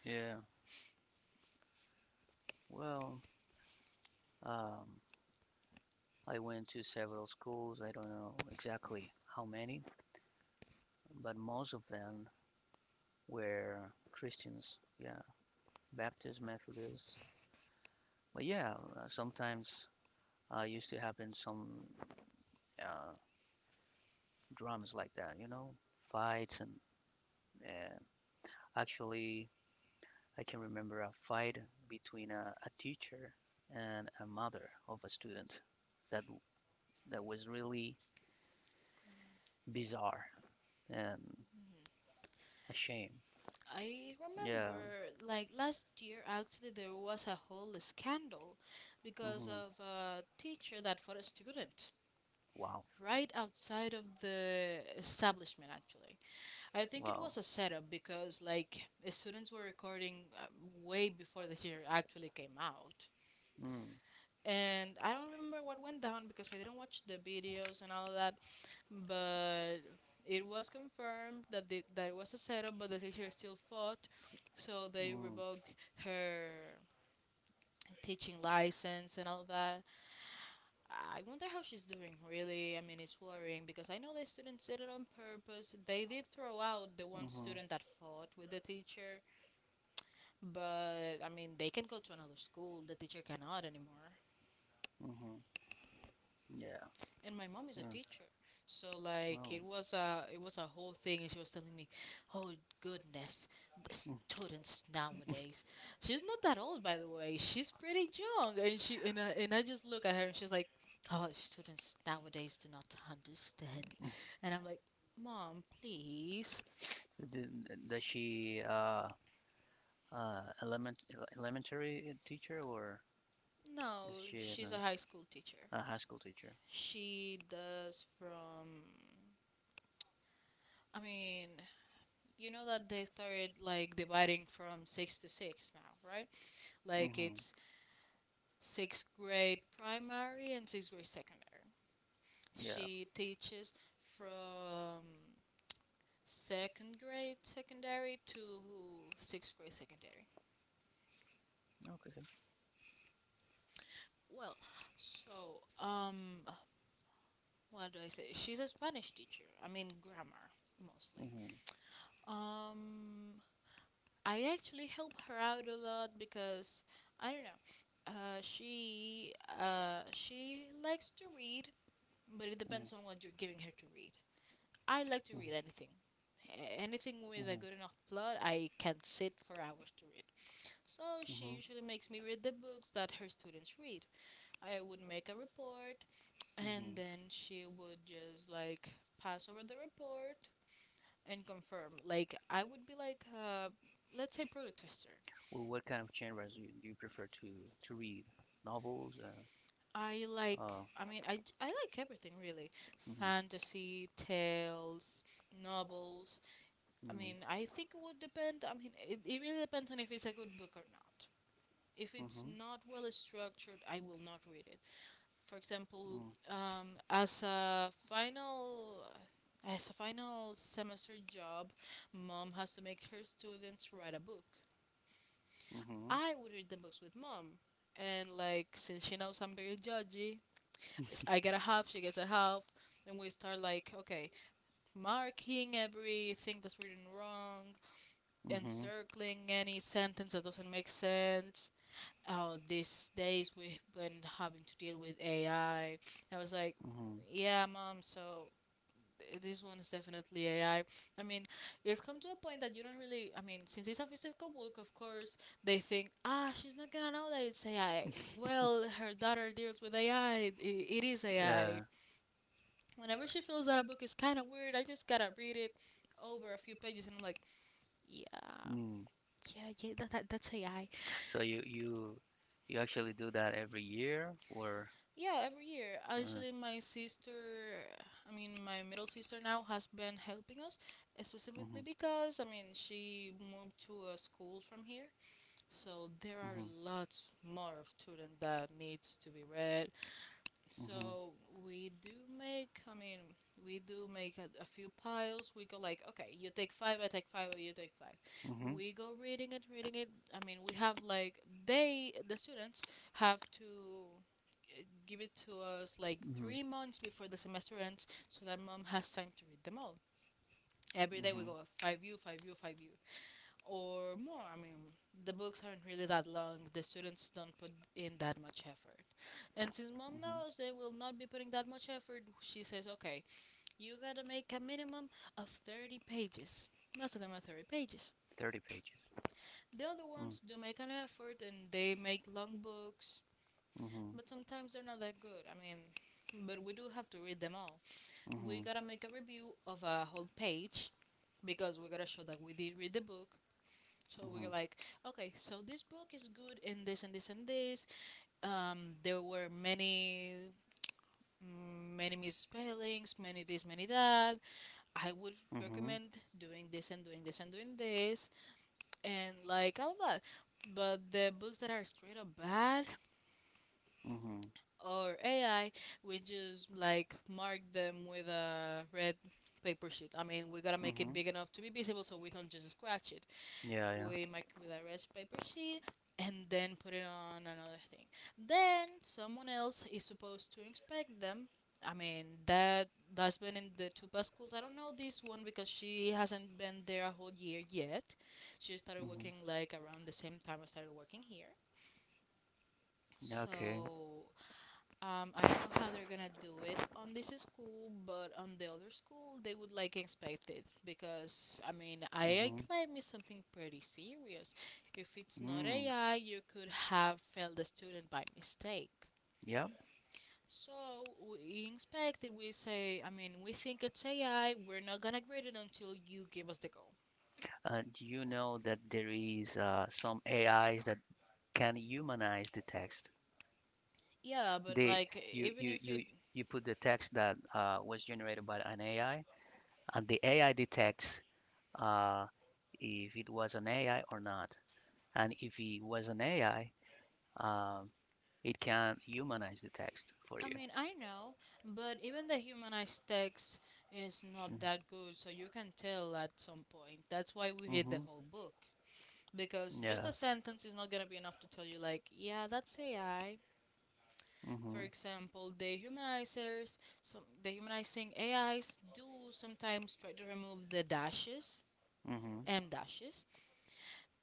[SPEAKER 1] Yeah. Well, um, I went to several schools. I don't know exactly how many, but most of them were Christians. Yeah. Baptist, Methodist. But yeah, sometimes used to happen some uh, dramas like that, you know, fights and, uh, actually, I can remember a fight between a teacher and a mother of a student that was really bizarre and a shame.
[SPEAKER 2] I
[SPEAKER 1] Yeah.
[SPEAKER 2] remember, like last year, actually, there was a whole scandal because
[SPEAKER 1] Hmm.
[SPEAKER 2] of a teacher that fought a student
[SPEAKER 1] Wow.
[SPEAKER 2] right outside of the establishment, actually. I think it
[SPEAKER 1] Wow.
[SPEAKER 2] was a setup because, like, the students were recording way before the teacher actually came out.
[SPEAKER 1] Mm.
[SPEAKER 2] And I don't remember what went down because I didn't watch the videos and all of that, but it was confirmed that that it was a setup, but the teacher still fought, so they
[SPEAKER 1] Mm.
[SPEAKER 2] revoked her teaching license and all that. I wonder how she's doing. Really, I mean, it's worrying because I know the students did it on purpose. They did throw out the one
[SPEAKER 1] Mhm.
[SPEAKER 2] student that fought with the teacher, but I mean, they can go to another school. The teacher cannot anymore.
[SPEAKER 1] Mhm. Yeah.
[SPEAKER 2] And my mom is a
[SPEAKER 1] And
[SPEAKER 2] teacher, so like it was a whole thing, and she was telling me, oh, goodness, the
[SPEAKER 1] mm.
[SPEAKER 2] students nowadays. She's not that old, by the way. She's pretty young. And she and I just look at her, and she's like, oh, students nowadays do not understand.
[SPEAKER 1] [LAUGHS]
[SPEAKER 2] And I'm like, mom, please.
[SPEAKER 1] Did Does she, uh element elementary teacher or
[SPEAKER 2] No, she's a high school teacher.
[SPEAKER 1] high school teacher?
[SPEAKER 2] She does from, I mean, you know that they started like dividing from six to six now, right? Like,
[SPEAKER 1] Mhm.
[SPEAKER 2] it's sixth grade primary and sixth grade secondary. She teaches from second grade secondary to sixth grade secondary.
[SPEAKER 1] Okay.
[SPEAKER 2] Well, so what do I say? She's a Spanish teacher. I mean, grammar mostly.
[SPEAKER 1] Mhm.
[SPEAKER 2] Um, I actually help her out a lot because I don't know. Uh, she she likes to read, but it
[SPEAKER 1] Mm.
[SPEAKER 2] depends on what you're giving her to read. I like to read
[SPEAKER 1] Mm.
[SPEAKER 2] anything. Anything with a
[SPEAKER 1] Mhm.
[SPEAKER 2] good enough plot, I can sit for hours to read. So she
[SPEAKER 1] Mhm.
[SPEAKER 2] usually makes me read the books that her students read. I would make a report, and
[SPEAKER 1] Mhm.
[SPEAKER 2] then she would just like pass over the report and confirm. Like, I would be like, let's say, product tester.
[SPEAKER 1] Well, what kind of genres do you prefer to read? Novels?
[SPEAKER 2] I like,
[SPEAKER 1] Uh,
[SPEAKER 2] I mean, I like everything, really,
[SPEAKER 1] mm-hmm,
[SPEAKER 2] fantasy, tales, novels. I
[SPEAKER 1] mm-hmm,
[SPEAKER 2] mean, I think it would depend. I mean, it really depends on if it's a good book or not. If it's
[SPEAKER 1] mm-hmm,
[SPEAKER 2] not well structured, I will not read it. For example, um, as a final as a final semester job, mom has to make her students write a book. I would read the books with mom, and like since she knows I'm very judgy, I
[SPEAKER 1] mm-hmm.
[SPEAKER 2] get a
[SPEAKER 1] [LAUGHS]
[SPEAKER 2] half, she gets a half, and we start like, okay, marking everything that's written wrong,
[SPEAKER 1] Mm-hmm.
[SPEAKER 2] encircling any sentence that doesn't make sense. Oh, these days we've been having to deal with AI. I was like,
[SPEAKER 1] Mm-hmm.
[SPEAKER 2] yeah, mom, so this one is definitely AI. I mean, it's come to a point that you don't really, I mean, since it's a physical book, of course, they think, ah, she's not gonna know that it's AI. Well, her
[SPEAKER 1] [LAUGHS]
[SPEAKER 2] daughter deals with AI. It is
[SPEAKER 1] Yeah.
[SPEAKER 2] AI. Whenever she feels that a book is kind of weird, I just gotta read it over a few pages, and I'm like, yeah,
[SPEAKER 1] Mm.
[SPEAKER 2] yeah, yeah, that's AI.
[SPEAKER 1] So you actually do that every year or
[SPEAKER 2] Yeah, every year.
[SPEAKER 1] uh,
[SPEAKER 2] Actually, my sister, I mean, my middle sister now, has been helping us, specifically
[SPEAKER 1] mm-hmm.
[SPEAKER 2] because, I mean, she moved to a school from here. So there are
[SPEAKER 1] Mm-hmm. Mm-hmm.
[SPEAKER 2] lots more of students that needs to be read. So, we do I mean, we do make a few piles. We go like, okay, you take five, I take five, or you take five.
[SPEAKER 1] Mm-hmm. Mm-hmm. Mm-hmm.
[SPEAKER 2] We go
[SPEAKER 1] Hmm.
[SPEAKER 2] reading it, reading it. I mean, we have like, they, the students, have to give it to us like 3 months before the semester ends so that mom has time to read them all. Every day we go 5U, 5U, 5U or more. I mean, the books aren't really that long. The students don't put in that much effort. And since mom knows they will not be putting that much effort, she says, okay, you gotta make a minimum of 30 pages. Most of them are 30 pages.
[SPEAKER 1] 30 pages.
[SPEAKER 2] The other ones
[SPEAKER 1] Mm.
[SPEAKER 2] do make an effort, and they make long books,
[SPEAKER 1] Mm-hmm.
[SPEAKER 2] but sometimes they're not that good. I mean, but we do have to read them all. We
[SPEAKER 1] Mm-hmm.
[SPEAKER 2] gotta make a review of a whole page because we gotta show that we did read the book. So we were
[SPEAKER 1] Mm-hmm.
[SPEAKER 2] like, okay, so this book is good in this and this and this. There were many, many misspellings, many this, many that. I would
[SPEAKER 1] Mm-hmm. Mm-hmm.
[SPEAKER 2] recommend doing this and doing this and doing this, and like all of that. But the books that are straight up bad or AI, we just like mark them with a red paper sheet. I mean, we gotta make it
[SPEAKER 1] Mm-hmm.
[SPEAKER 2] big enough to be visible so we don't just scratch it.
[SPEAKER 1] Yeah, yeah.
[SPEAKER 2] We mark it with a red paper sheet and then put it on another thing. Then someone else is supposed to inspect them. I mean, that's been in the two past schools. I don't know this one because she hasn't been there a whole year yet. She started
[SPEAKER 1] Mm-hmm.
[SPEAKER 2] working like around the same time I started working here.
[SPEAKER 1] Yeah, okay.
[SPEAKER 2] So I don't know how they're gonna do it on this school, but on the other school, they would like expect it because I mean, AI
[SPEAKER 1] Mm-hmm.
[SPEAKER 2] claim is something pretty serious. If it's not
[SPEAKER 1] Mm.
[SPEAKER 2] AI, you could have failed a student by mistake.
[SPEAKER 1] Yeah.
[SPEAKER 2] So we inspect it. We say, I mean, we think it's AI. We're not gonna grade it until you give us the go.
[SPEAKER 1] Do you know that there is some AIs that can humanize the text?
[SPEAKER 2] Yeah, but
[SPEAKER 1] The
[SPEAKER 2] like
[SPEAKER 1] you
[SPEAKER 2] even
[SPEAKER 1] you
[SPEAKER 2] if it,
[SPEAKER 1] you you put the text that was generated by an AI, and the AI detects, uh, if it was an AI or not. And if it was an AI, um, it can humanize the text for
[SPEAKER 2] I
[SPEAKER 1] you.
[SPEAKER 2] mean, I know, but even the humanized text is not
[SPEAKER 1] Mhm.
[SPEAKER 2] that good, so you can tell at some point. That's why we read the
[SPEAKER 1] Mhm.
[SPEAKER 2] whole book. Because just
[SPEAKER 1] Yeah.
[SPEAKER 2] a sentence is not gonna be enough to tell you, like, yeah, that's AI.
[SPEAKER 1] Mhm.
[SPEAKER 2] For example, the humanizers, some, the humanizing AIs do sometimes try to remove the dashes,
[SPEAKER 1] Mhm.
[SPEAKER 2] M dashes,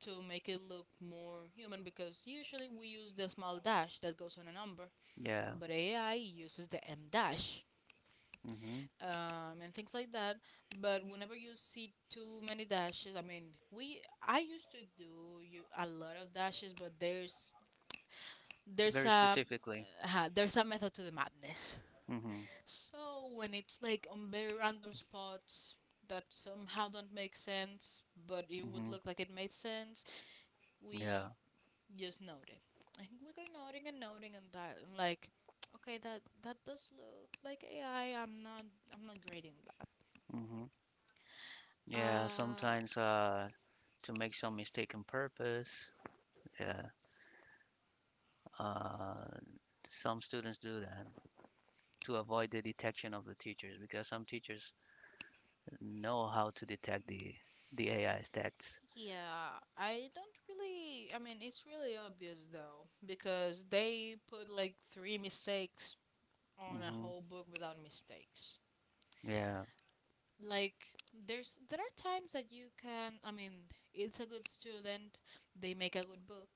[SPEAKER 2] to make it look more human because usually we use the small dash that goes on a number,
[SPEAKER 1] Yeah.
[SPEAKER 2] but AI uses the M dash,
[SPEAKER 1] Mm-hmm.
[SPEAKER 2] and things like that. But whenever you see too many dashes, I mean, we I used to do you a lot of dashes, but there's
[SPEAKER 1] Very
[SPEAKER 2] a
[SPEAKER 1] specifically.
[SPEAKER 2] there's a method to the madness.
[SPEAKER 1] Mm-hmm.
[SPEAKER 2] So when it's like on very random spots that somehow don't make sense, but it would
[SPEAKER 1] Mm-hmm.
[SPEAKER 2] look like it made sense,
[SPEAKER 1] Yeah.
[SPEAKER 2] we just note it. And we go noting and noting and that and like, okay, that does look like AI. I'm not grading that.
[SPEAKER 1] Mm-hmm. Yeah,
[SPEAKER 2] Uh,
[SPEAKER 1] sometimes to make some mistaken purpose. Yeah. Uh some students do that to avoid the detection of the teachers because some teachers know how to detect the AI's texts.
[SPEAKER 2] Yeah, I don't really. I mean, it's really obvious though, because they put like three mistakes on a
[SPEAKER 1] Mm-hmm.
[SPEAKER 2] whole book without mistakes.
[SPEAKER 1] Yeah.
[SPEAKER 2] Like, there are times that you can, I mean, it's a good student, they make a good book,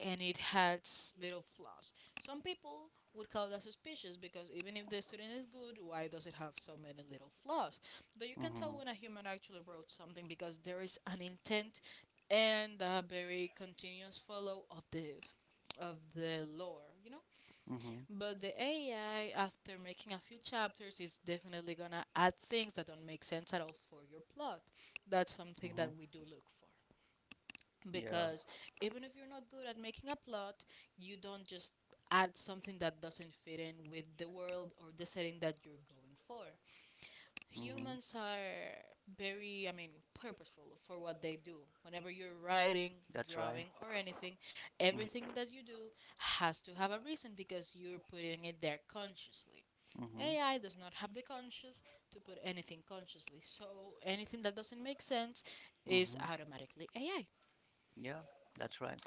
[SPEAKER 2] and it has little flaws. Some people would call that suspicious because even if the student is good, why does it have so many little flaws? But you can
[SPEAKER 1] Mm-hmm.
[SPEAKER 2] tell when a human actually wrote something because there is an intent and a very continuous follow of the lore.
[SPEAKER 1] Mm-hmm.
[SPEAKER 2] But the AI, after making a few chapters, is definitely gonna add things that don't make sense at all for your plot. That's something
[SPEAKER 1] Mm-hmm.
[SPEAKER 2] that we do look for.
[SPEAKER 1] Yeah.
[SPEAKER 2] Because even if you're not good at making a plot, you don't just add something that doesn't fit in with the world or the setting that you're going for.
[SPEAKER 1] Mm-hmm.
[SPEAKER 2] Humans are very, I mean, purposeful for what they do. Whenever you're writing,
[SPEAKER 1] That's right.
[SPEAKER 2] drawing, or anything,
[SPEAKER 1] Mm-hmm.
[SPEAKER 2] everything that you do has to have a reason because you're putting it there consciously. AI does not have the conscious to put anything consciously, so anything that doesn't make sense is
[SPEAKER 1] Mm-hmm.
[SPEAKER 2] automatically AI.
[SPEAKER 1] Yeah, that's right.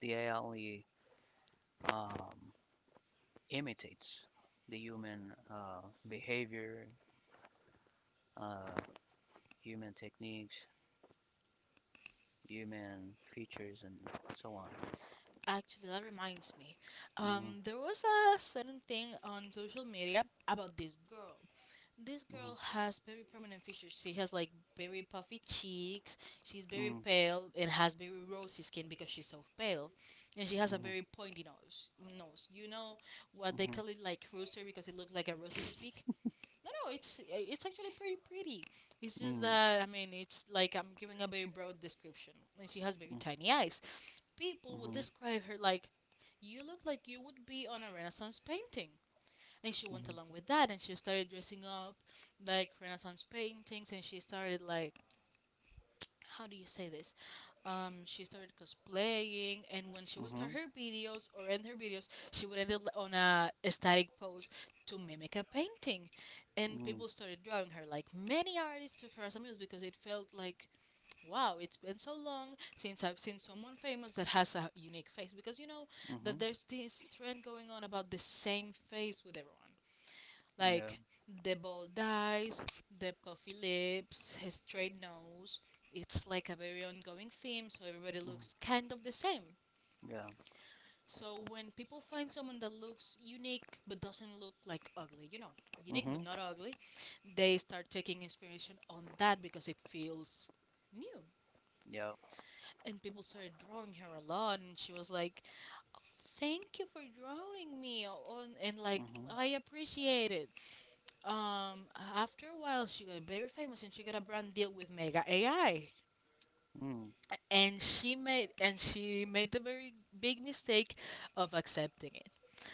[SPEAKER 1] The AI only, um, imitates the human, behavior, uh, human techniques, human features, and so on.
[SPEAKER 2] Actually, that reminds me.
[SPEAKER 1] Mm-hmm.
[SPEAKER 2] There was a certain thing on social media about this girl. This girl has very prominent features. She has like very puffy cheeks. She's very
[SPEAKER 1] Mm-hmm. Mm.
[SPEAKER 2] pale and has very rosy skin because she's so pale, and she has a very pointy nose. Nose, you know what they call it, like rooster, because it looks like a rooster's beak. No, no, it's actually pretty pretty. It's just that, I mean, it's like I'm giving a very broad description, and she has very tiny eyes. People would describe her like, you look like you would be on a Renaissance painting. And she went along with that, and she started dressing up like Renaissance paintings, and she started like, how do you say this? She started cosplaying, and when she would start her videos or end her videos, she would end it on a static pose to mimic a painting. And people started drawing her. Like, many artists took her as a muse because it felt like wow, it's been so long since I've seen someone famous that has a unique face because you know that there's this trend going on about the same face with everyone, like the bold eyes, the puffy lips, his straight nose. It's like a very ongoing theme, so everybody looks kind of the same.
[SPEAKER 1] Yeah.
[SPEAKER 2] So when people find someone that looks unique but doesn't look like ugly, you know, unique but not ugly, they start taking inspiration on that because it feels new.
[SPEAKER 1] Yeah.
[SPEAKER 2] And people started drawing her a lot, and she was like, "Thank you for drawing me," on and like
[SPEAKER 1] Mm-hmm.
[SPEAKER 2] I appreciate it. Um, After a while, she got very famous and she got a brand deal with Mega AI,
[SPEAKER 1] Mm.
[SPEAKER 2] and she made the very big mistake of accepting it.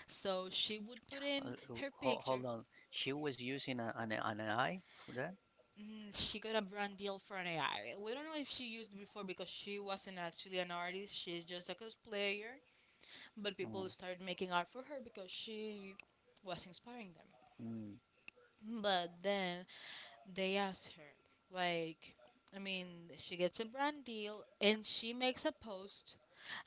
[SPEAKER 2] So she would put in her
[SPEAKER 1] Hold
[SPEAKER 2] picture.
[SPEAKER 1] on. She was using a, an eye for that.
[SPEAKER 2] She got a brand deal for an AI. We don't know if she used it before because she wasn't actually an artist. She's just a cosplayer. But
[SPEAKER 1] Mm.
[SPEAKER 2] people started making art for her because she was inspiring
[SPEAKER 1] Mm.
[SPEAKER 2] them. But then they ask her. Like, I mean, she gets a brand deal and she makes a post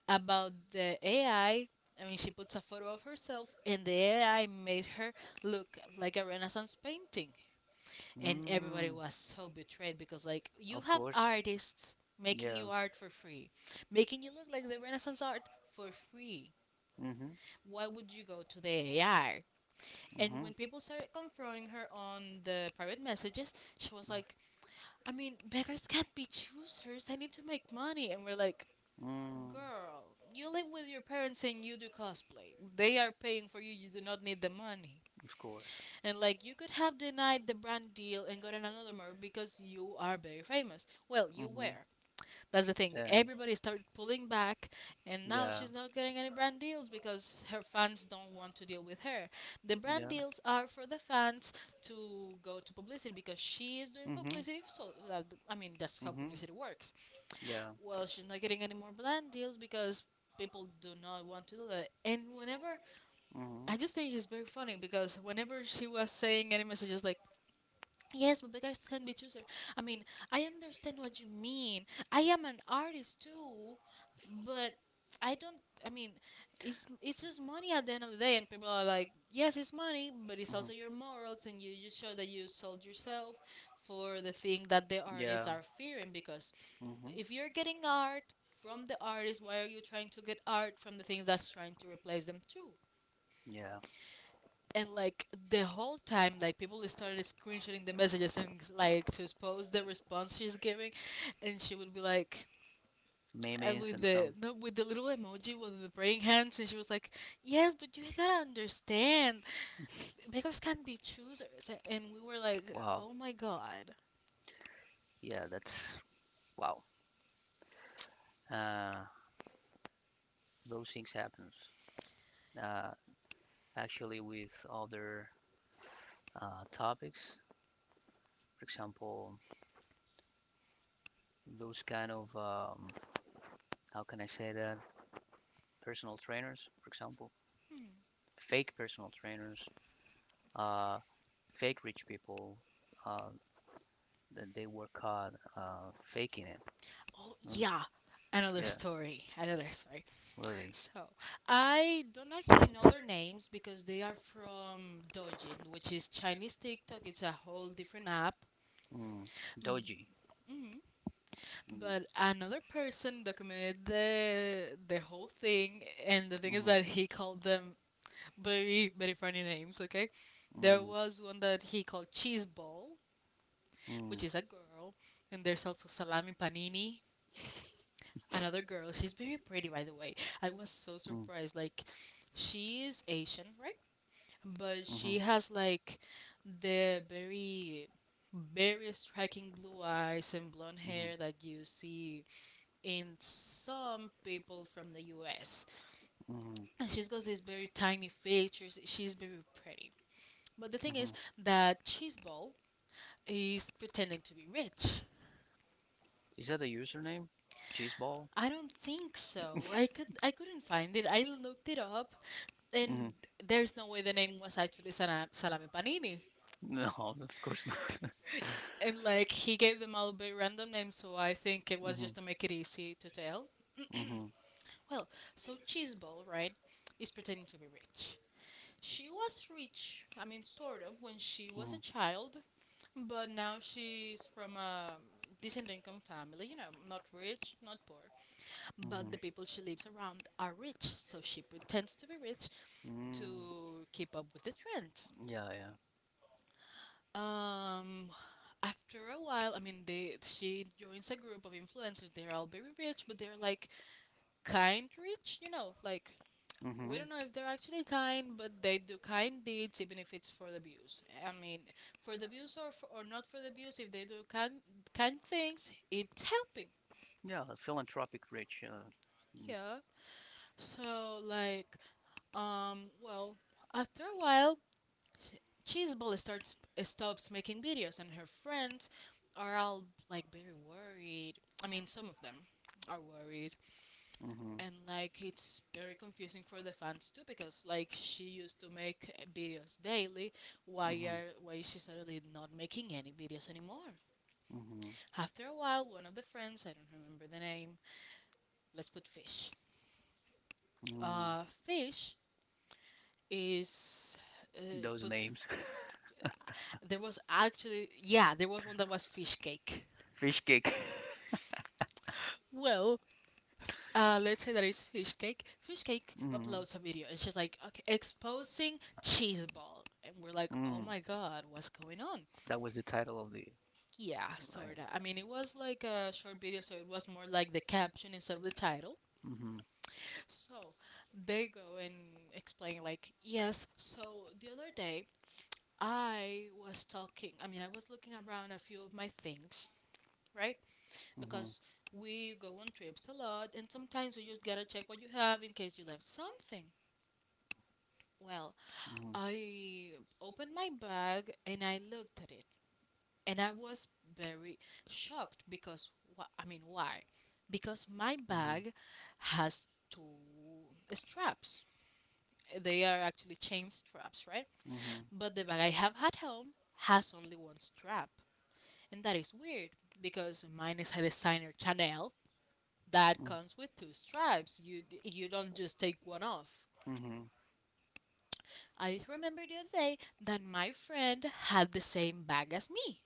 [SPEAKER 2] about the AI. I mean, she puts a photo of herself and the AI made her look like a Renaissance painting. And everybody
[SPEAKER 1] Mm.
[SPEAKER 2] was so betrayed because, like, you
[SPEAKER 1] Of
[SPEAKER 2] have
[SPEAKER 1] course.
[SPEAKER 2] artists making
[SPEAKER 1] Yeah.
[SPEAKER 2] you art for free, making you look like the Renaissance art for free.
[SPEAKER 1] Mm-hmm.
[SPEAKER 2] Why would you go to the AI? And
[SPEAKER 1] Mm-hmm.
[SPEAKER 2] when people started confronting her on the private messages, she was like, I mean, beggars can't be choosers. I need to make money. And we're like,
[SPEAKER 1] Mm.
[SPEAKER 2] girl, you live with your parents and you do cosplay. They are paying for you. You do not need the money.
[SPEAKER 1] Of course.
[SPEAKER 2] And like, you could have denied the brand deal and gotten another more because you are very famous. Well, you
[SPEAKER 1] Mm-hmm.
[SPEAKER 2] were. That's the thing.
[SPEAKER 1] Yeah.
[SPEAKER 2] Everybody started pulling back, and now
[SPEAKER 1] Yeah.
[SPEAKER 2] she's not getting any brand deals because her fans don't want to deal with her. The brand
[SPEAKER 1] Yeah.
[SPEAKER 2] deals are for the fans to go to publicity because she is doing
[SPEAKER 1] Mm-hmm.
[SPEAKER 2] publicity. So that I mean, that's how
[SPEAKER 1] Mm-hmm.
[SPEAKER 2] publicity works.
[SPEAKER 1] Yeah.
[SPEAKER 2] Well, she's not getting any more brand deals because people do not want to do that. And whenever I
[SPEAKER 1] Mm-hmm.
[SPEAKER 2] just think it's very funny because whenever she was saying any messages like yes, but beggars can be choosers. I mean, I understand what you mean. I am an artist too, but I don't. I mean, it's just money at the end of the day, and people are like, yes, it's money, but it's
[SPEAKER 1] Mhm.
[SPEAKER 2] also your morals, and you just show that you sold yourself for the thing that the
[SPEAKER 1] Yeah.
[SPEAKER 2] artists are fearing. Because
[SPEAKER 1] Hmm.
[SPEAKER 2] if you're getting art from the artist, why are you trying to get art from the thing that's trying to replace them too?
[SPEAKER 1] Yeah.
[SPEAKER 2] And like the whole time, like, people started screenshotting the messages and like to expose the response she's giving, and she would be like
[SPEAKER 1] Memes
[SPEAKER 2] with
[SPEAKER 1] and some.
[SPEAKER 2] the no, with the little emoji with the praying hands, and she was like yes but you gotta understand beggars can be choosers. A- and we were like
[SPEAKER 1] Wow.
[SPEAKER 2] oh my god.
[SPEAKER 1] Yeah, that's wow. Uh, those things happens. Uh, Actually, with other topics, for example, those kind of how can I say that, personal trainers, for example, fake personal trainers, uh, fake rich people. Uh, that they work hard faking it.
[SPEAKER 2] Oh
[SPEAKER 1] Mm.
[SPEAKER 2] yeah, another
[SPEAKER 1] Yeah,
[SPEAKER 2] story, another story.
[SPEAKER 1] really.
[SPEAKER 2] So I don't actually know their names because they are from Dojin, which is Chinese TikTok. It's a whole different app.
[SPEAKER 1] Mm. Dodgy. Mm.
[SPEAKER 2] But another person documented the whole thing, and the thing is
[SPEAKER 1] Mhm.
[SPEAKER 2] that he called them very very funny names. Okay,
[SPEAKER 1] Mm.
[SPEAKER 2] there
[SPEAKER 1] Mm.
[SPEAKER 2] was one that he called Cheese Ball,
[SPEAKER 1] Mm.
[SPEAKER 2] which is a girl, and there's also Salami Panini, another girl. She's very pretty, by the way. I was so surprised. Like, she is Asian, right? But she has like the very very striking blue eyes and blonde
[SPEAKER 1] Mhm.
[SPEAKER 2] hair that you see and some people from the US.
[SPEAKER 1] Mhm. Mhm.
[SPEAKER 2] And she's got these very tiny features. She's very pretty. But the thing is
[SPEAKER 1] Mhm.
[SPEAKER 2] that Cheeseball is pretending to be rich.
[SPEAKER 1] Is that the username? Cheeseball?
[SPEAKER 2] I don't think so. I couldn't find it. I looked it up
[SPEAKER 1] Mm-hmm.
[SPEAKER 2] and there's no way the name was actually Sala- Salame Panini.
[SPEAKER 1] No, [LAUGHS] of course not.
[SPEAKER 2] And like he gave them all very random names, so I think it was
[SPEAKER 1] Mm-hmm.
[SPEAKER 2] just to make it easy to tell.
[SPEAKER 1] Mm-hmm. Mm-hmm.
[SPEAKER 2] Well, so Cheeseball, right, is pretending to be rich. She was rich, I mean, sort of, when she was a child, but now she's from a decent income family, you know, not rich, not poor.
[SPEAKER 1] Mm-hmm.
[SPEAKER 2] But the people she lives around are rich, so she pretends to be rich
[SPEAKER 1] Mm.
[SPEAKER 2] to keep up with the trends.
[SPEAKER 1] Yeah, yeah.
[SPEAKER 2] Um, After a while, I mean, they she joins a group of influencers. They're all very rich, but they're like kind rich, you know, like we
[SPEAKER 1] Mm-hmm.
[SPEAKER 2] don't know if they're actually kind, but they do kind deeds even if it's for the views. I mean, for the views or for, or not for the views, if they do kind things, it's helping.
[SPEAKER 1] Yeah, philanthropic rich.
[SPEAKER 2] Yeah. So like, well, after a while, Cheeseball starts stops making videos, and her friends are all like very worried. I mean, some of them are worried,
[SPEAKER 1] Mm-hmm.
[SPEAKER 2] and like it's very confusing for the fans too because like she used to make videos daily. Why is she suddenly not
[SPEAKER 1] Mm-hmm.
[SPEAKER 2] making any videos anymore?
[SPEAKER 1] Mm-hmm.
[SPEAKER 2] After a while, one of the friends, I don't remember the name, let's put Fish.
[SPEAKER 1] Mm.
[SPEAKER 2] Fish is uh,
[SPEAKER 1] Those
[SPEAKER 2] put,
[SPEAKER 1] names. [LAUGHS]
[SPEAKER 2] there was actually, yeah, there was one that was Fish Cake.
[SPEAKER 1] Fish cake.
[SPEAKER 2] Well, let's say that it's Fish Cake. Fish Cake
[SPEAKER 1] Mm.
[SPEAKER 2] uploads a video, and she's like, "Okay, exposing Cheese Ball," and we're like, "Oh
[SPEAKER 1] Mm.
[SPEAKER 2] my god, what's going on?"
[SPEAKER 1] That was the title of the
[SPEAKER 2] Yeah,
[SPEAKER 1] right.
[SPEAKER 2] sorta. I mean, it was like a short video, so it was more like the caption instead of the title.
[SPEAKER 1] Mm-hmm.
[SPEAKER 2] So they go and explain, like, yes, so the other day I was talking, I mean, I was looking around a few of my things, right?
[SPEAKER 1] Mm-hmm.
[SPEAKER 2] Because we go on trips a lot, and sometimes you just gotta check what you have in case you left something. Well,
[SPEAKER 1] Mm-hmm.
[SPEAKER 2] I opened my bag and I looked at it, and I was very shocked because wh- I mean why? Because my bag has two straps. They are actually chain straps, right?
[SPEAKER 1] Mm-hmm. Mm-hmm.
[SPEAKER 2] But the bag I have at home has only one strap, and that is weird because mine is a designer Chanel that comes with two straps. You don't just take one off.
[SPEAKER 1] Mm-hmm. Mm-hmm.
[SPEAKER 2] I remember the other day that my friend had the same bag as me.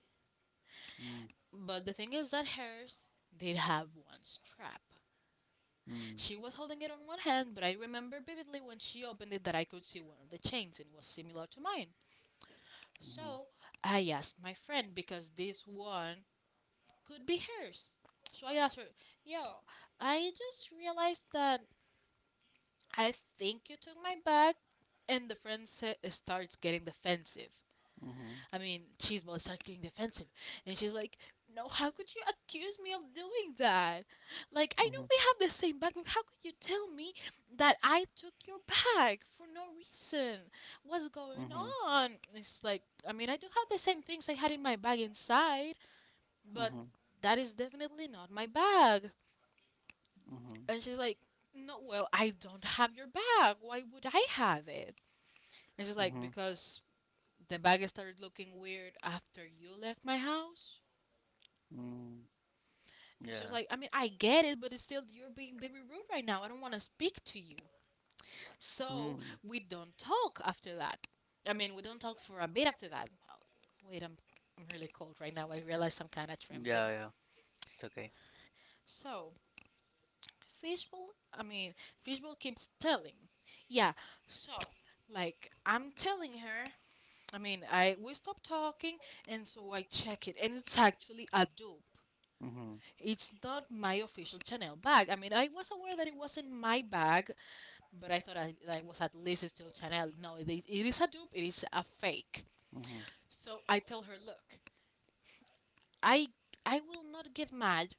[SPEAKER 1] Mm-hmm.
[SPEAKER 2] But the thing is that hers did have one strap. She
[SPEAKER 1] Mm-hmm.
[SPEAKER 2] was holding it on one hand, but I remember vividly when she opened it that I could see one of the chains and it was similar to mine.
[SPEAKER 1] Mm-hmm.
[SPEAKER 2] So I asked my friend because this one could be hers. So I asked her, yo, I just realized that I think you took my bag. And the friend sa- starts getting defensive. I mean, Chismo started getting defensive, and she's like, "No, how could you accuse me of doing that? Like, I know
[SPEAKER 1] Mm-hmm.
[SPEAKER 2] we have the same bag, but how could you tell me that I took your bag for no reason? What's going
[SPEAKER 1] Mm-hmm.
[SPEAKER 2] on?" It's like, I mean, I do have the same things I had in my bag inside, but that is definitely not my bag. And she's like, "No, well, I don't have your bag. Why would I have it?" And she's like,
[SPEAKER 1] Mm-hmm.
[SPEAKER 2] "Because." The bag started looking weird after you left my house.
[SPEAKER 1] Mm-hmm.
[SPEAKER 2] She was
[SPEAKER 1] Yeah.
[SPEAKER 2] like, I mean, I get it, but it's still, you're being very rude right now. I don't want to speak to you. So
[SPEAKER 1] Mm.
[SPEAKER 2] we don't talk after that. I mean, we don't talk for a bit after that. Oh, wait, I'm really cold right now. I realize I'm kind of trembling.
[SPEAKER 1] Yeah, yeah. It's okay.
[SPEAKER 2] So, Fishbowl, I mean, Fishbowl keeps telling. Yeah, so, like, I'm telling her, I mean, I we stop talking, and so I check it, and it's actually a dupe.
[SPEAKER 1] Mm-hmm.
[SPEAKER 2] It's not my official Chanel bag. I mean, I was aware that it wasn't my bag but I thought that was at least still Chanel. No, it is a dupe. It is a fake.
[SPEAKER 1] Mm-hmm.
[SPEAKER 2] So I tell her, look, I I will not get mad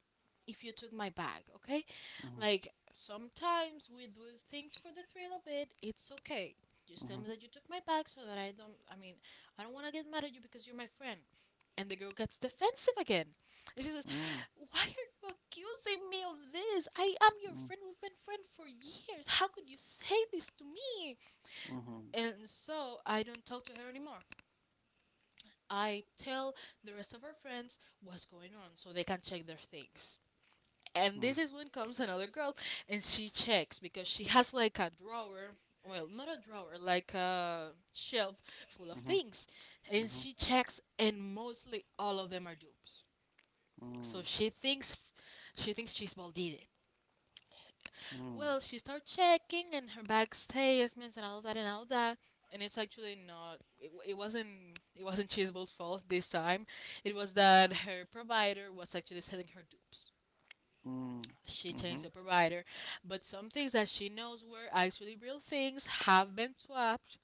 [SPEAKER 2] if you took my bag, okay?
[SPEAKER 1] Mm-hmm.
[SPEAKER 2] Like sometimes we do things for the thrill of it. It's okay. Just tell
[SPEAKER 1] Mm-hmm.
[SPEAKER 2] me that you took my bag so that I don't. I mean, I don't want to get mad at you because you're my friend. And the girl gets defensive again. And she says,
[SPEAKER 1] Mm.
[SPEAKER 2] why are you accusing me of this? I am your
[SPEAKER 1] Mm.
[SPEAKER 2] friend. We've been friends for years. How could you say this to me?
[SPEAKER 1] Mhm.
[SPEAKER 2] And so I don't talk to her anymore. I tell the rest of her friends what's going on so they can check their things. And
[SPEAKER 1] Mm.
[SPEAKER 2] this is when comes another girl and she checks because she has like a drawer, well, not a drawer, like a shelf full of
[SPEAKER 1] Mhm.
[SPEAKER 2] things. And
[SPEAKER 1] Mhm.
[SPEAKER 2] she checks and mostly all of them are dupes.
[SPEAKER 1] So
[SPEAKER 2] So
[SPEAKER 1] mm.
[SPEAKER 2] she thinks she's balded.
[SPEAKER 1] Mm.
[SPEAKER 2] Well, she started checking and her bag statements and all that and all that. And it's actually not. It, w- it wasn't. It wasn't Chisbolt's fault this time. It was that her provider was actually selling her dupes.
[SPEAKER 1] Mm.
[SPEAKER 2] She changed
[SPEAKER 1] Mhm.
[SPEAKER 2] the provider, but some things that she knows were actually real things have been swapped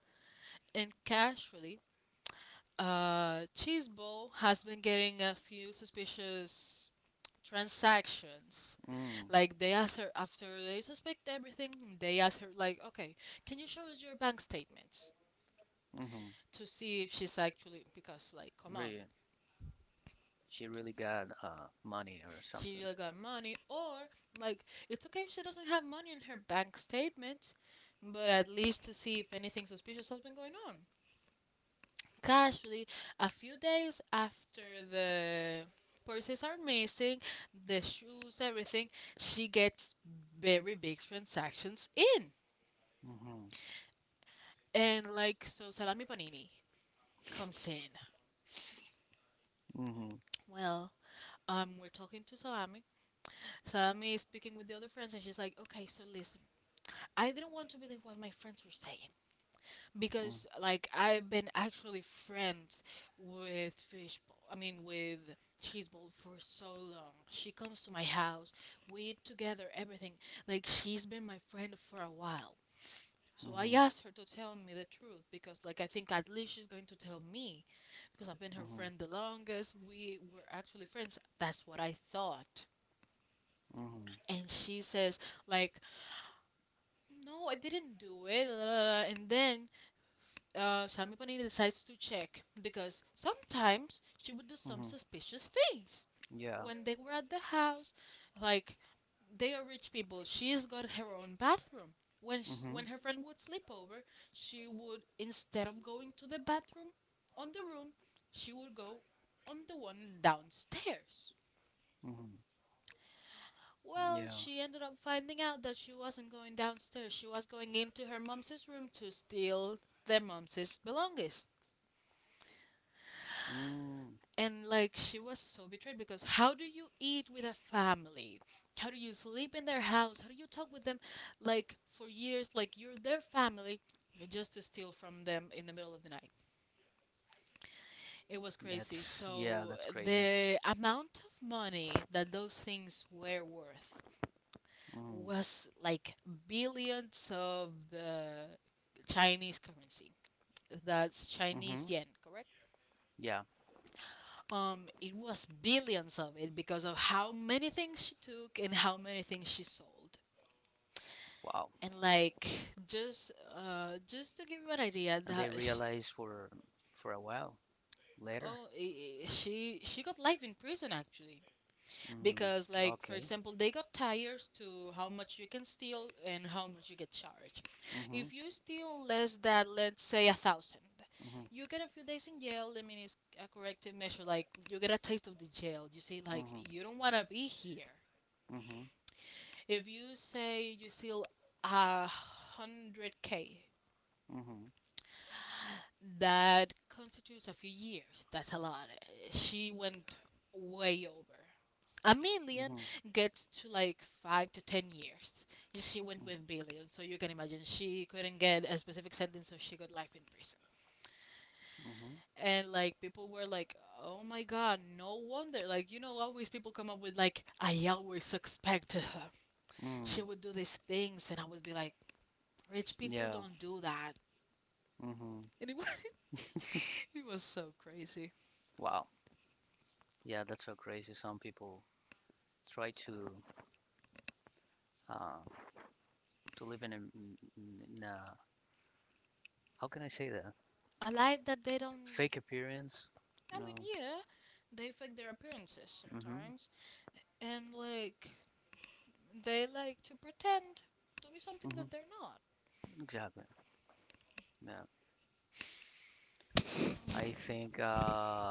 [SPEAKER 2] and casually Cheese Ball has been getting a few suspicious transactions.
[SPEAKER 1] Mm.
[SPEAKER 2] Like they ask her after they suspect everything, they ask her like, "Okay, can you show us your bank statements?"
[SPEAKER 1] Mhm.
[SPEAKER 2] to see if she's actually, because like, come on,
[SPEAKER 1] Brilliant. She really got money or something.
[SPEAKER 2] she really got money. Or like, it's okay if she doesn't have money in her bank statement, but at least to see if anything suspicious has been going on. Casually, a few days after the purses are missing, the shoes, everything, she gets very big transactions in.
[SPEAKER 1] Mhm.
[SPEAKER 2] And like, so Salami Panini comes in.
[SPEAKER 1] Mhm.
[SPEAKER 2] Well, we're talking to Salami. Salami is speaking with the other friends, and she's like, okay, so listen, I didn't want to believe what my friends were saying,
[SPEAKER 1] Mm.
[SPEAKER 2] because like I've been actually friends with fishbowl. I mean with cheeseball for so long. She comes to my house. We eat together. Everything. Like she's been my friend for a while. So I
[SPEAKER 1] Mhm.
[SPEAKER 2] asked her to tell me the truth, because like I think at least she's going to tell me because I've been her
[SPEAKER 1] Mhm.
[SPEAKER 2] friend the longest. We were
[SPEAKER 1] Mhm.
[SPEAKER 2] actually friends. That's what I thought.
[SPEAKER 1] Mhm.
[SPEAKER 2] And she says like, "No, I didn't do it. La, la, la." And then Sarmipani decides to check because sometimes she would do some suspicious things
[SPEAKER 1] Yeah.
[SPEAKER 2] when they were at the house. Like, they are rich people. She's got her own bathroom. When, sh
[SPEAKER 1] Mhm.
[SPEAKER 2] when her friend would sleep over, she would, instead of going to the bathroom on the room, she would go on the one downstairs.
[SPEAKER 1] Mhm.
[SPEAKER 2] Well,
[SPEAKER 1] Yeah.
[SPEAKER 2] she ended up finding out that she wasn't going downstairs. She was going into her mom's room to steal their mom's belongings.
[SPEAKER 1] Mm.
[SPEAKER 2] And like, she was so betrayed, because how do you eat with a family, how do you sleep in their house, how do you talk with them, like for years, like you're their family, just to steal from them in the middle of the night? It was
[SPEAKER 1] That's
[SPEAKER 2] crazy.
[SPEAKER 1] yeah,
[SPEAKER 2] So
[SPEAKER 1] that's crazy.
[SPEAKER 2] the amount of money that those things were worth
[SPEAKER 1] Mm.
[SPEAKER 2] was like billions of the Chinese currency. That's Chinese
[SPEAKER 1] Mhm.
[SPEAKER 2] yen, correct?
[SPEAKER 1] Yeah.
[SPEAKER 2] It was billions of it because of how many things she took and how many things she sold.
[SPEAKER 1] Wow.
[SPEAKER 2] And like, just to give you an idea
[SPEAKER 1] And they
[SPEAKER 2] that sh-
[SPEAKER 1] realized for a while later.
[SPEAKER 2] oh, she got life in prison actually,
[SPEAKER 1] Mm.
[SPEAKER 2] because like for
[SPEAKER 1] Okay.
[SPEAKER 2] example they got tires to how much you can steal and how much you get charged.
[SPEAKER 1] Mhm. Mhm.
[SPEAKER 2] If you steal less than, let's say, 1,000, you get a few days in jail. I mean, it's a corrective measure. Like you get a taste of the jail. You see, like
[SPEAKER 1] Mhm.
[SPEAKER 2] you don't wanna be here.
[SPEAKER 1] Mhm.
[SPEAKER 2] If you say you steal 100K,
[SPEAKER 1] Mhm.
[SPEAKER 2] that constitutes a few years. That's a lot. She went way over. 1 million
[SPEAKER 1] Mm-hmm.
[SPEAKER 2] gets to like 5 to 10 years. She went with billion, so you can imagine she couldn't get a specific sentence, so she got life in prison.
[SPEAKER 1] Mm-hmm.
[SPEAKER 2] And like people were like, "Oh my god, no wonder!" Like, you know, always people come up with like, "I always suspected her.
[SPEAKER 1] Mm.
[SPEAKER 2] She would do these things," and I would be like, rich people
[SPEAKER 1] Yeah.
[SPEAKER 2] don't do that.
[SPEAKER 1] Mm-hmm.
[SPEAKER 2] And it was, [LAUGHS] it was so crazy.
[SPEAKER 1] Wow. Yeah, that's so crazy. Some people try uh, to live in a in a, how can I say that?
[SPEAKER 2] A life that they don't.
[SPEAKER 1] Fake appearance. You
[SPEAKER 2] I mean,
[SPEAKER 1] know,
[SPEAKER 2] yeah, they fake their appearances
[SPEAKER 1] mm-hmm.
[SPEAKER 2] sometimes, and like they like to pretend to be something
[SPEAKER 1] Mm-hmm.
[SPEAKER 2] that they're not.
[SPEAKER 1] Exactly. Yeah. I think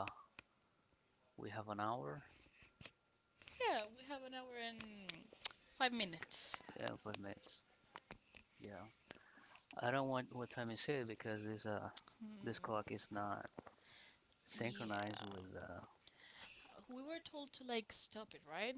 [SPEAKER 1] we have an hour
[SPEAKER 2] Yeah, we have an hour and 5 minutes.
[SPEAKER 1] and 5 minutes.
[SPEAKER 2] Hmm. Yeah, we were told to like stop it, right?